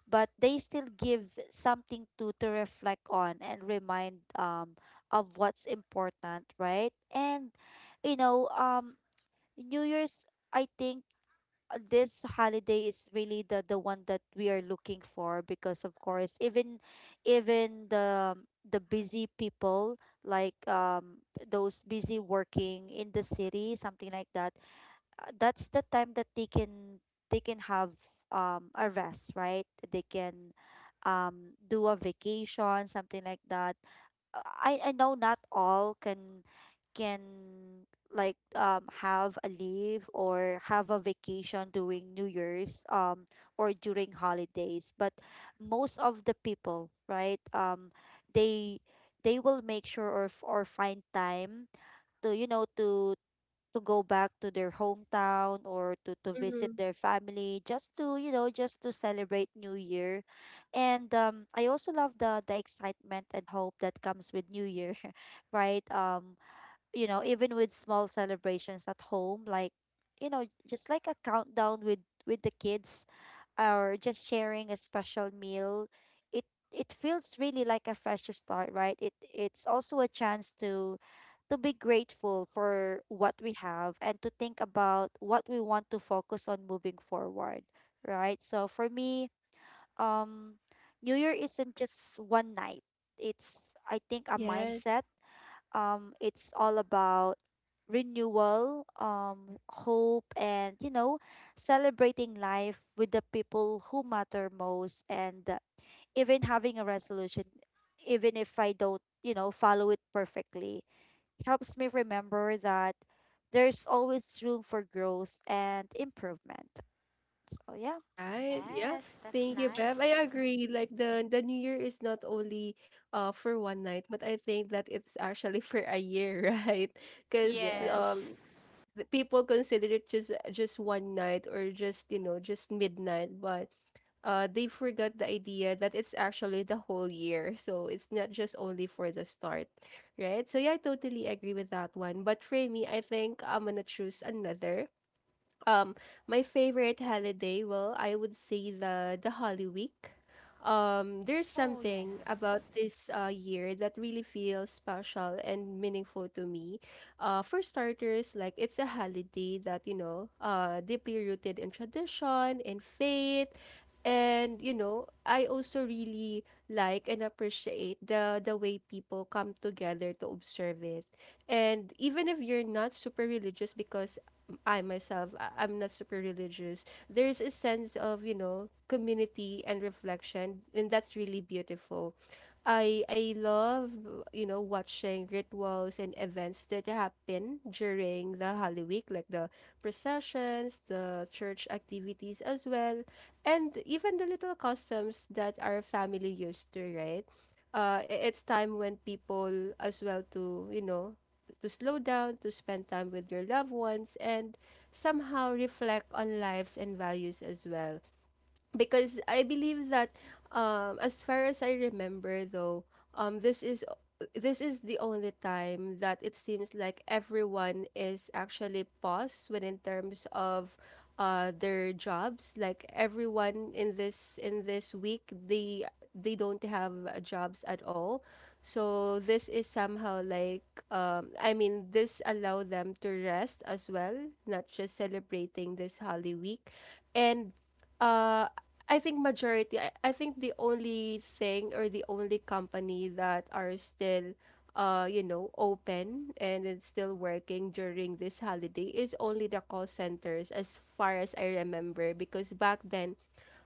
Speaker 3: but they still give something to reflect on and remind of what's important, right? And you know um New Year's, I think, this holiday is really the one that we are looking for because of course, even even the the busy people, like those busy working in the city, something like that, that's the time that they can, have a rest, right? They can do a vacation, something like that. I know not all can, can like have a leave or have a vacation during New Year's or during holidays. But most of the people, right? They they will make sure or or find time to, to go back to their hometown or to, visit
Speaker 1: Mm-hmm.
Speaker 3: their family, just to, just to celebrate New Year. And I also love the excitement and hope that comes with New Year. Right. Even with small celebrations at home, like, just like a countdown with the kids or just sharing a special meal, it it feels really like a fresh start, right? It's also a chance to be grateful for what we have and to think about what we want to focus on moving forward, right? So for me, um New Year isn't just one night. It's, I think, a
Speaker 1: Yes.
Speaker 3: mindset. It's all about renewal, hope, and, celebrating life with the people who matter most. And even having a resolution, even if I don't, follow it perfectly, helps me remember that there's always room for growth and improvement. So yeah.
Speaker 1: Right. Yeah.
Speaker 2: Yes, that's
Speaker 1: Thank you, Bev.
Speaker 2: nice.
Speaker 1: I agree. Like the New Year is not only for one night, but I think that it's actually for a year, right? Because
Speaker 2: Yes.
Speaker 3: Yes.
Speaker 1: the people consider it just one night or just you know just midnight but they forgot the idea that it's actually the whole year so it's not just only for the start right so yeah I totally agree with that one but for me I think I'm gonna choose another um, my favorite holiday, well, I would say the Holy Week. There's
Speaker 2: Oh, yeah.
Speaker 1: something about this year that really feels special and meaningful to me. For starters, like it's a holiday that you know, deeply rooted in tradition, in faith, and you know, I also really like and appreciate the way people come together to observe it. And even if you're not super religious because I myself I'm not super religious, there's a sense of, you know, community and reflection and that's really beautiful. I love, you know, watching rituals and events that happen during the Holy Week, like the processions, the church activities as well. And even the little customs that our family used to, right? It's time when people as well to, you know, to slow down, to spend time with your loved ones, and somehow reflect on lives and values as well because I believe that as far as I remember though um this is this is the only time that it seems like everyone is actually paused when in terms of their jobs like everyone in this week they don't have jobs at all so this is somehow like I mean this allow them to rest as well not just celebrating this holy week and uh I think majority, I think the only thing or the only company that are still, you know, open and it's still working during this holiday is only the call centers, as far as I remember. Because back then,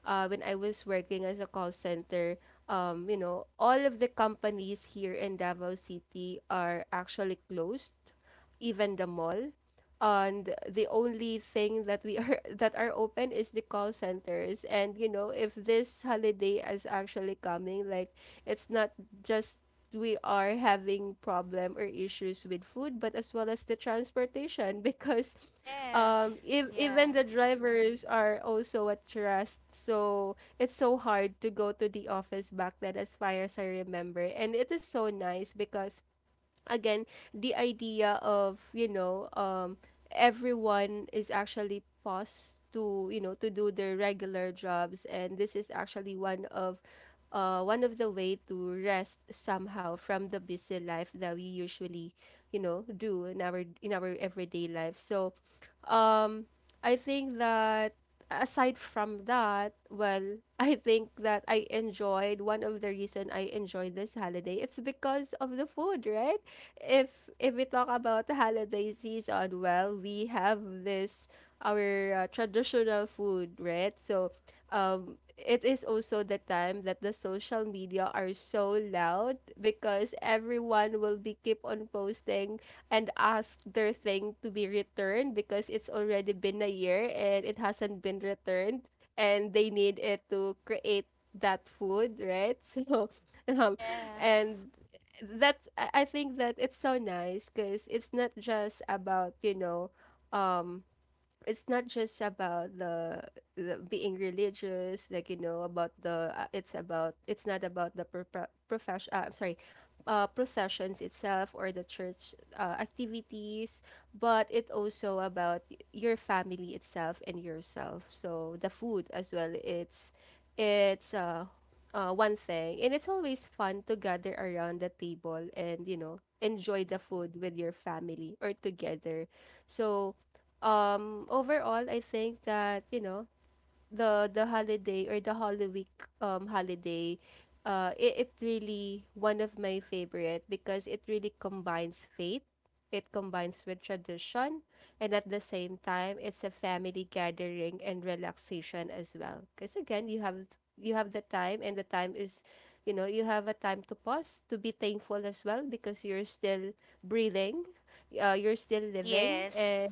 Speaker 1: when I was working as a call center, you know, all of the companies here in Davao City are actually closed, even the mall. And the only thing that we are that are open is the call centers. And you know, if this holiday is actually coming, like it's not just we are having problem or issues with food, but as well as the transportation because
Speaker 2: Yes.
Speaker 1: if,
Speaker 2: Yeah.
Speaker 1: even the drivers are also at rest so it's so hard to go to the office back then as far as I remember. And it is so nice because again the idea of everyone is actually paused to to do their regular jobs. And this is actually one of the way to rest somehow from the busy life that we usually do in our everyday life. So um I think that aside from that, well, I think that I enjoyed one of the reason I enjoyed this holiday. It's because of the food, right? If we talk about the holiday season, well, we have this our traditional food, right? So, it is also the time that the social media are so loud because everyone will be keep on posting and ask their thing to be returned because it's already been a year and it hasn't been returned and they need it to create that food, right? So, um,
Speaker 2: Yeah.
Speaker 1: and that's I think that it's so nice because it's not just about um, it's not just about the being religious like you know about the it's about it's not about the profession I'm sorry processions itself or the church activities, but it also about your family itself and yourself. So the food as well, it's one thing, and it's always fun to gather around the table and you know enjoy the food with your family or together. So overall I think that the holiday or the Holy Week holiday, it really one of my favorite because it really combines faith, it combines with tradition, and at the same time it's a family gathering and relaxation as well. Because again you have the time, and the time is you know you have a time to pause to be thankful as well because you're still breathing, you're still living,
Speaker 2: Yes.
Speaker 1: and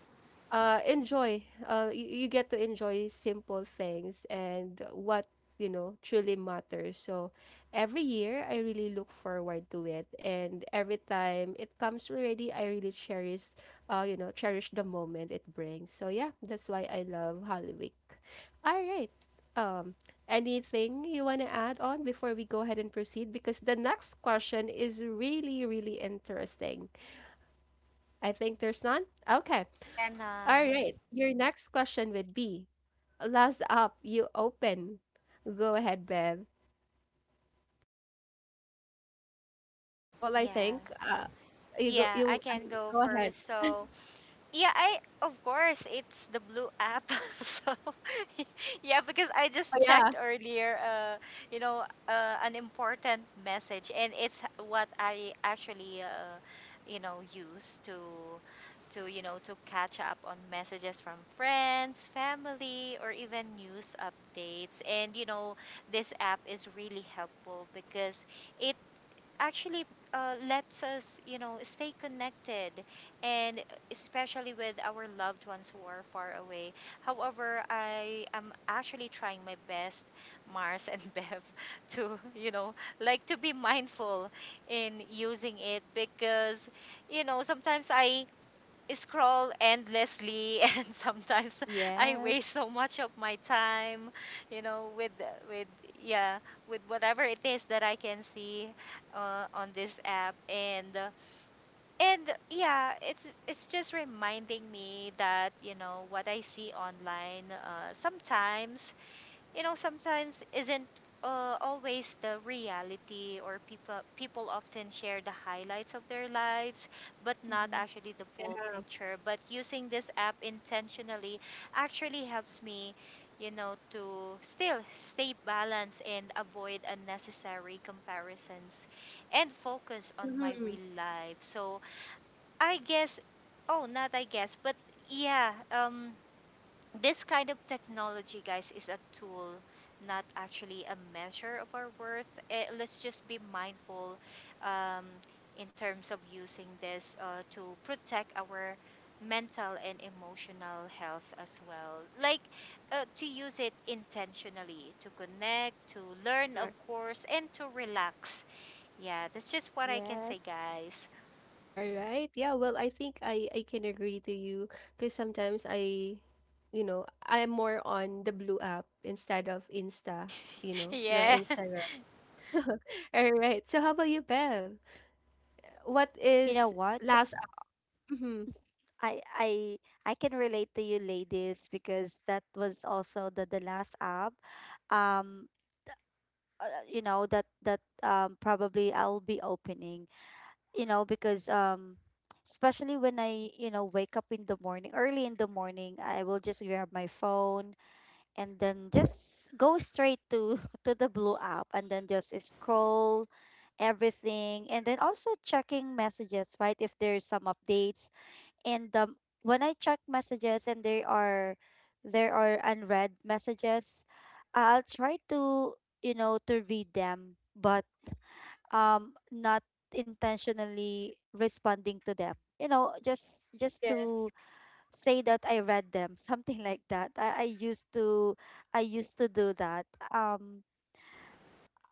Speaker 1: uh enjoy you get to enjoy simple things and what you know truly matters. So every year I really look forward to it, and every time it comes already I really cherish you know cherish the moment it brings. So yeah, that's why I love Holy Week. All right. um Anything you want to add on before we go ahead and proceed, because the next question is really really interesting? I think there's none. Okay.
Speaker 2: Yeah, none.
Speaker 1: All right. Your next question would be, last up, you open. Go ahead, Bev. Well, I
Speaker 2: Yeah.
Speaker 1: think you go
Speaker 2: Yeah, I
Speaker 1: you I,
Speaker 2: can go
Speaker 1: go ahead.
Speaker 2: first. So, yeah, I, of course it's the blue app. So yeah, because I
Speaker 1: Oh
Speaker 2: just
Speaker 1: yeah.
Speaker 2: checked earlier, you know, an important message, and it's what I actually, you know, use to, you know, to catch up on messages from friends, family, or even news updates. And you know, this app is really helpful because it actually lets us, you know, stay connected, and especially with our loved ones who are far away. However, I am actually trying my best, Mars and Bev, to, you know, like to be mindful in using it because, you know, sometimes I scroll endlessly and sometimes I waste
Speaker 3: Yes.
Speaker 2: so much of my time, you know, with yeah, with whatever it is that I can see on this app, and yeah, it's just reminding me that, you know, what I see online sometimes, you know, sometimes isn't always the reality, or people people often share the highlights of their lives but not
Speaker 3: Mm-hmm.
Speaker 2: actually the full
Speaker 1: Yeah.
Speaker 2: picture. But using this app intentionally actually helps me, you know, to still stay balanced and avoid unnecessary comparisons and focus on my
Speaker 1: Mm-hmm.
Speaker 2: real life. So I guess oh not I guess but yeah, this kind of technology, guys, is a tool, not actually a measure of our worth. Eh, let's just be mindful um, in terms of using this to protect our mental and emotional health as well. Like to use it intentionally, to connect, to learn, of course, and to relax. Yeah, that's just what I can say,
Speaker 3: Yes.
Speaker 2: guys.
Speaker 1: All right. Yeah, well, I think I can agree to you because sometimes I you know, I am more on the blue app instead of Insta, you know, the
Speaker 2: Yeah,
Speaker 1: Instagram. All right. So how about you, Bev? What
Speaker 3: You know
Speaker 1: is
Speaker 3: what?
Speaker 1: last up? Mm-hmm.
Speaker 3: I, I can relate to you ladies because that was also the last app um you know, that probably I'll be opening, you know, because especially when I, you know, wake up in the morning, early in the morning, I will just grab my phone and then just go straight to to the blue app and then just scroll everything, and then also checking messages, right, if there's some updates. And when I check messages and there are, unread messages, I'll try to, you know, to read them, but not intentionally responding to them. You know, just
Speaker 1: Yes.
Speaker 3: to say that I read them something like that. I used to do that. Um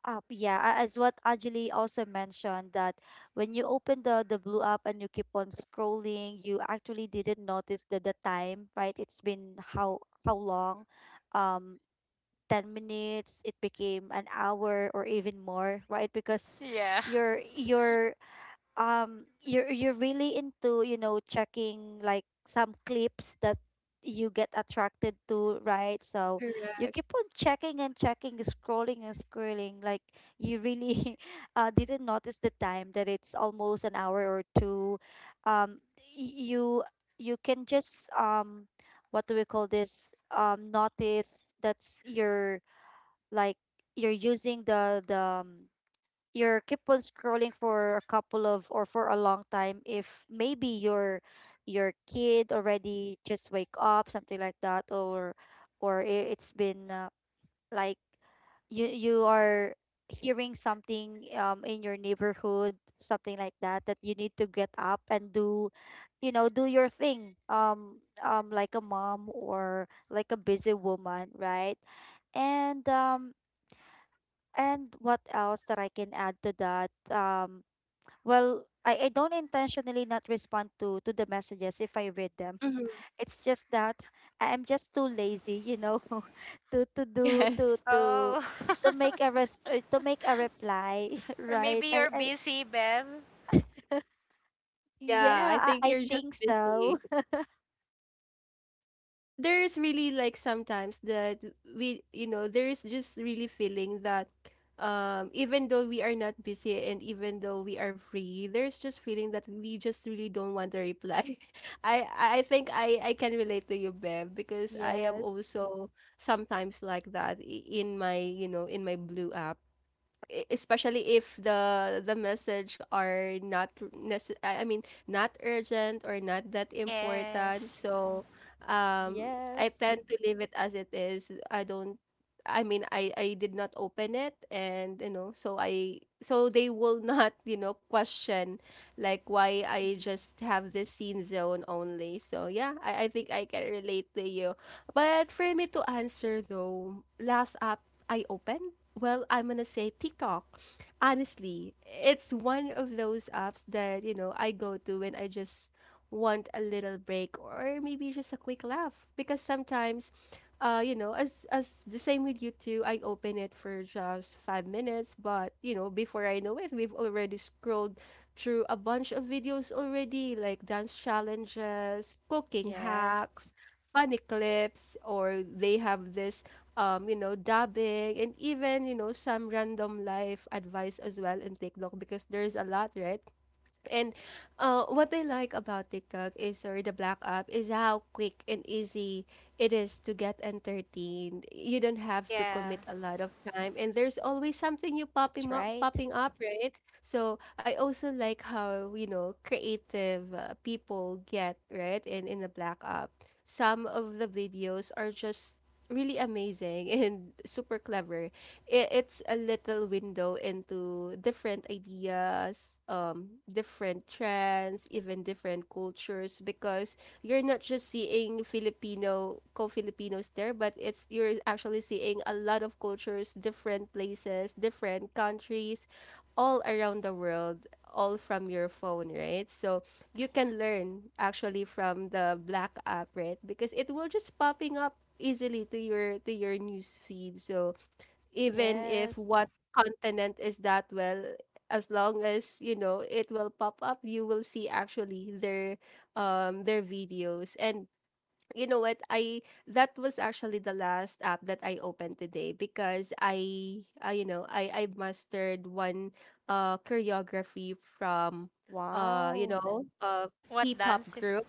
Speaker 3: as what Anjali also mentioned, that when you open the blue app and you keep on scrolling, you actually didn't notice the time, right? It's been how, how long um 10 minutes, it became an hour or even more, right? Because
Speaker 2: yeah.
Speaker 3: your you're, really into, you know, checking like some clips that you get attracted to, right? So you
Speaker 1: Correct.
Speaker 3: keep on checking and checking, scrolling and scrolling, like, you really didn't notice the time that it's almost an hour or two. Um y- you you can just what do we call this, notice that's your like you're using the you're keep on scrolling for a couple of, or for a long time, if maybe your kid already just wake up, something like that, or it's been like, you are hearing something in your neighborhood, something like that, that you need to get up and do, you know, do your thing. Like a mom or like a busy woman, right? And and what else that I can add to that? Well, I don't intentionally not respond to the messages if I read them.
Speaker 1: Mm-hmm.
Speaker 3: It's just that I am just too lazy, you know, to do
Speaker 1: Yes.
Speaker 2: Oh.
Speaker 3: to make a to make a reply,
Speaker 2: Or
Speaker 3: right?
Speaker 2: maybe you're
Speaker 3: I
Speaker 2: busy, Bev.
Speaker 1: Yeah, I
Speaker 3: Yeah,
Speaker 1: think
Speaker 3: I
Speaker 1: you're just
Speaker 3: think
Speaker 1: busy.
Speaker 3: so.
Speaker 1: But there is really like sometimes that we, you know, there is just really feeling that even though we are not busy and even though we are free, there's just feeling that we just really don't want to reply. I think I can relate to you, Bev, because I am
Speaker 3: Yes.
Speaker 1: also sometimes like that in my, you know, in my blue app, especially if the message are not necess- I mean not urgent or not that important.
Speaker 2: Yes.
Speaker 1: So I
Speaker 3: Yes.
Speaker 1: tend to leave it as it is. I don't, I mean, I did not open it and you know so I so they will not you know question like why I
Speaker 3: Mhm.
Speaker 1: just have this scene zone only. So yeah, I think I can relate to you. But for me to answer though, last app I opened, well, I'm gonna say TikTok. Honestly, it's one of those apps that, you know, I go to when I just want a little break or maybe just a quick laugh. Because sometimes, you know, as the same with you too, I open it for just 5 minutes, but you know, before I know it, we've already scrolled through a bunch of videos already, like dance challenges, cooking
Speaker 3: Yes,
Speaker 1: hacks, funny clips, or they have this you know, dabbing, and even, you know, some random life advice as well in TikTok because there's a lot, right? And what I like about TikTok is, or the Black app, is how quick and easy it is to get entertained. You don't have to
Speaker 2: Yeah.
Speaker 1: commit a lot of time, and there's always something you
Speaker 3: that's right.
Speaker 1: popping up, right? So I also like how you know creative people get right in the Black app. Some of the videos are just really amazing and super clever. It's a little window into different ideas, different trends, even different cultures because you're not just seeing Filipino co-Filipinos there, but it's you're actually seeing a lot of cultures, different places, different countries, all around the world, all from your phone, right? So you can learn actually from the Black app, right? Because it will just popping up easily to your news feed. So even if
Speaker 3: Yes.
Speaker 1: what continent is that, well, as long as you know it will pop up, you will see actually their videos. And you know what, I that was actually the last app that I opened today, because I you know I mastered one choreography from uh you
Speaker 3: Wow.
Speaker 1: know uh
Speaker 2: What
Speaker 1: pop
Speaker 2: dance? Is-
Speaker 1: group.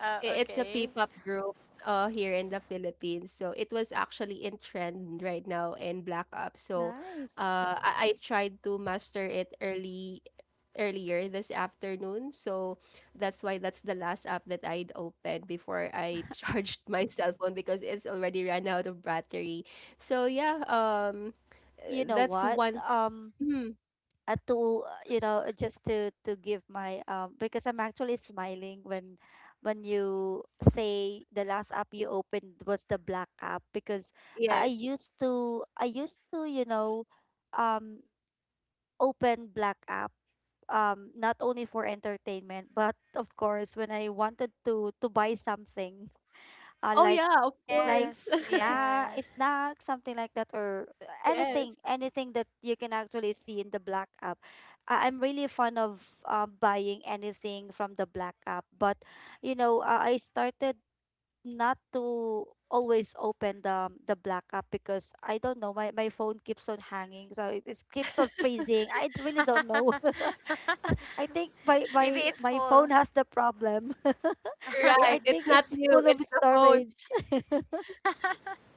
Speaker 2: uh,
Speaker 1: I, it's a
Speaker 2: okay.
Speaker 1: P-pop group here in the Philippines. So it was actually in trend right now in Black Ops. So
Speaker 3: Nice.
Speaker 1: I tried to master it early earlier this afternoon. So that's why that's the last app that I'd opened before I charged my cell phone because it's already ran out of battery. So yeah,
Speaker 3: You know
Speaker 1: that's
Speaker 3: what?
Speaker 1: one. Mhm.
Speaker 3: To, you know, just to give my because I'm actually smiling when you say the last app you opened was the black app. Because I I
Speaker 1: Yes.
Speaker 3: used to I used to, you know, um open black app, not only for entertainment, but of course when I wanted to buy something,
Speaker 1: Oh
Speaker 3: like,
Speaker 1: yeah, of
Speaker 3: like
Speaker 1: course.
Speaker 2: Yes,
Speaker 3: na
Speaker 2: yeah.
Speaker 3: snack, something like that, or anything,
Speaker 1: Yes,
Speaker 3: that you can actually see in the black app. I- I'm really fond of, buying anything from the black app. But you know, I started not to always open the black app because I don't know, my phone keeps on hanging, so it keeps on freezing. I really don't know. I think my
Speaker 2: Maybe it's
Speaker 3: phone
Speaker 2: full.
Speaker 3: has the problem.
Speaker 1: right.
Speaker 3: I
Speaker 1: It's
Speaker 3: think
Speaker 1: not
Speaker 3: it's
Speaker 1: you,
Speaker 3: full of
Speaker 1: it's the phone.
Speaker 3: storage.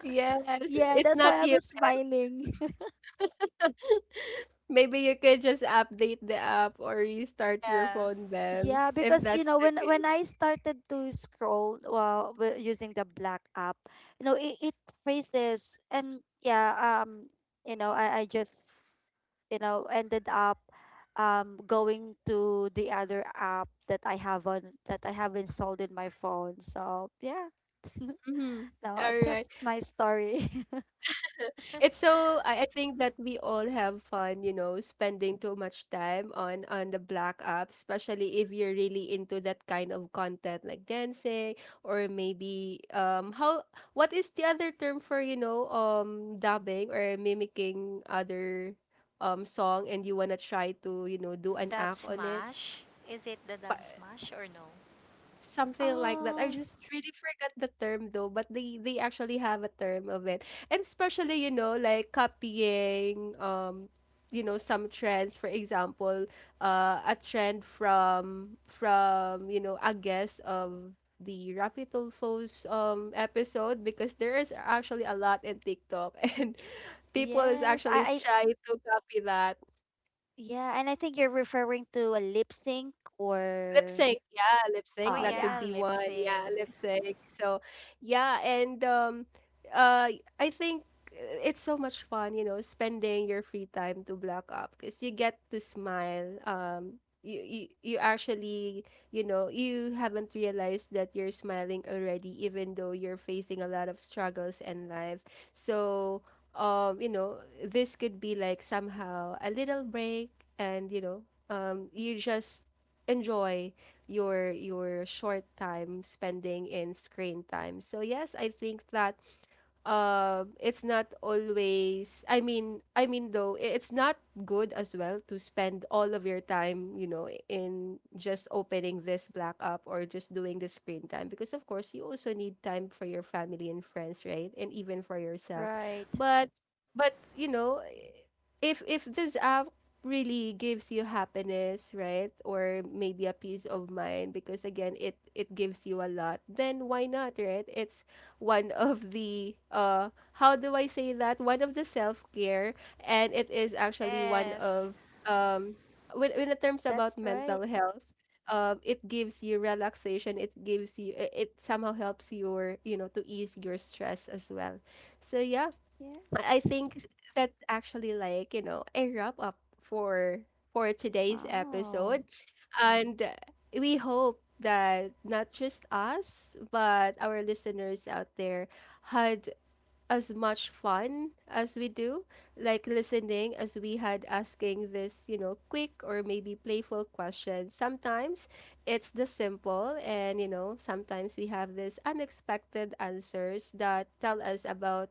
Speaker 1: Yes,
Speaker 3: Yeah,
Speaker 1: it's
Speaker 3: that's
Speaker 1: not
Speaker 3: why I
Speaker 1: you.
Speaker 3: was smiling.
Speaker 1: Maybe you could just update the app or restart your
Speaker 2: Yeah.
Speaker 1: phone then
Speaker 3: Yeah,
Speaker 1: if
Speaker 3: because you
Speaker 1: that's
Speaker 3: know,
Speaker 1: the
Speaker 3: when
Speaker 1: case.
Speaker 3: when I started to scroll while, well, using the black app, you know, it freezes. And yeah, you know, I just, you know, ended up going to the other app that I have on, that I have installed in my phone. So yeah.
Speaker 1: Mhm.
Speaker 3: No,
Speaker 1: All right.
Speaker 3: just my story.
Speaker 1: It's so, I think that we all have fun, you know, spending too much time on the black app, especially if you're really into that kind of content like dancing. Or maybe how what is the other term for, you know, dubbing or mimicking other song and you wanna try to, you know, do an
Speaker 2: Dub
Speaker 1: act on it,
Speaker 2: smash. Is it the dub smash or no?
Speaker 1: something like that. I
Speaker 3: Oh.
Speaker 1: just really forgot the term though, but they actually have a term of it. And especially, you know, like copying you know some trends, for example a trend from you know a guest of the Rapitulfo's episode because there is actually a lot in TikTok, and people is
Speaker 3: Yes,
Speaker 1: actually
Speaker 3: I.
Speaker 1: trying to copy that.
Speaker 3: Yeah, and I think you're referring to a lip sync,
Speaker 1: Lip
Speaker 3: or
Speaker 1: sync, yeah, lip
Speaker 2: Oh,
Speaker 1: sync.
Speaker 3: oh
Speaker 1: That could
Speaker 2: yeah,
Speaker 3: yeah.
Speaker 1: be
Speaker 2: lip
Speaker 1: one. Yeah,
Speaker 2: sync.
Speaker 1: lip sync. So, yeah, and uh, I think it's so much fun, you know, spending your free time to black up because you get to smile. You you actually, you know, you haven't realized that you're smiling already, even though you're facing a lot of struggles in life. So, you know, this could be like somehow a little break, and you know, you just enjoy your short time spending in screen time. So yes, I think that it's not always, I mean though, it's not good as well to spend all of your time you know in just opening this black app or just doing the screen time, because of course you also need time for your family and friends, right? And even for yourself.
Speaker 3: Right.
Speaker 1: But you know, if this app really gives you happiness, right? Or maybe a peace of mind, because again it it gives you a lot, then why not, right? It's one of the how do I say that? One of the self-care, and it is actually one
Speaker 2: Yes,
Speaker 1: of um when it terms
Speaker 3: That's
Speaker 1: about
Speaker 3: right.
Speaker 1: mental health, it gives you relaxation, it gives you, it somehow helps your, you know, to ease your stress as well. So yeah, I
Speaker 3: Yes.
Speaker 1: think that's actually like, you know, a wrap up for today's
Speaker 3: Wow.
Speaker 1: episode. And we hope that not just us, but our listeners out there had as much fun as we do, like listening as we had asking this, you know, quick or maybe playful questions. Sometimes it's the simple, and you know, sometimes we have this unexpected answers that tell us about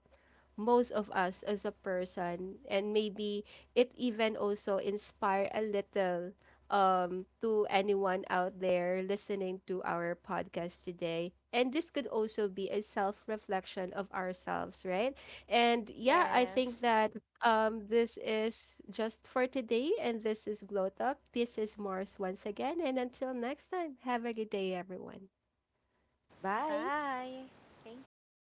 Speaker 1: most of us as a person, and maybe it even also inspire a little to anyone out there listening to our podcast today. And this could also be a self reflection of ourselves, right? And yeah, I
Speaker 2: yes.
Speaker 1: think that this is just for today, and this is Glow Talk, this is Mars once again, and until next time, have a good day everyone.
Speaker 3: Bye.
Speaker 2: Bye. Thank you.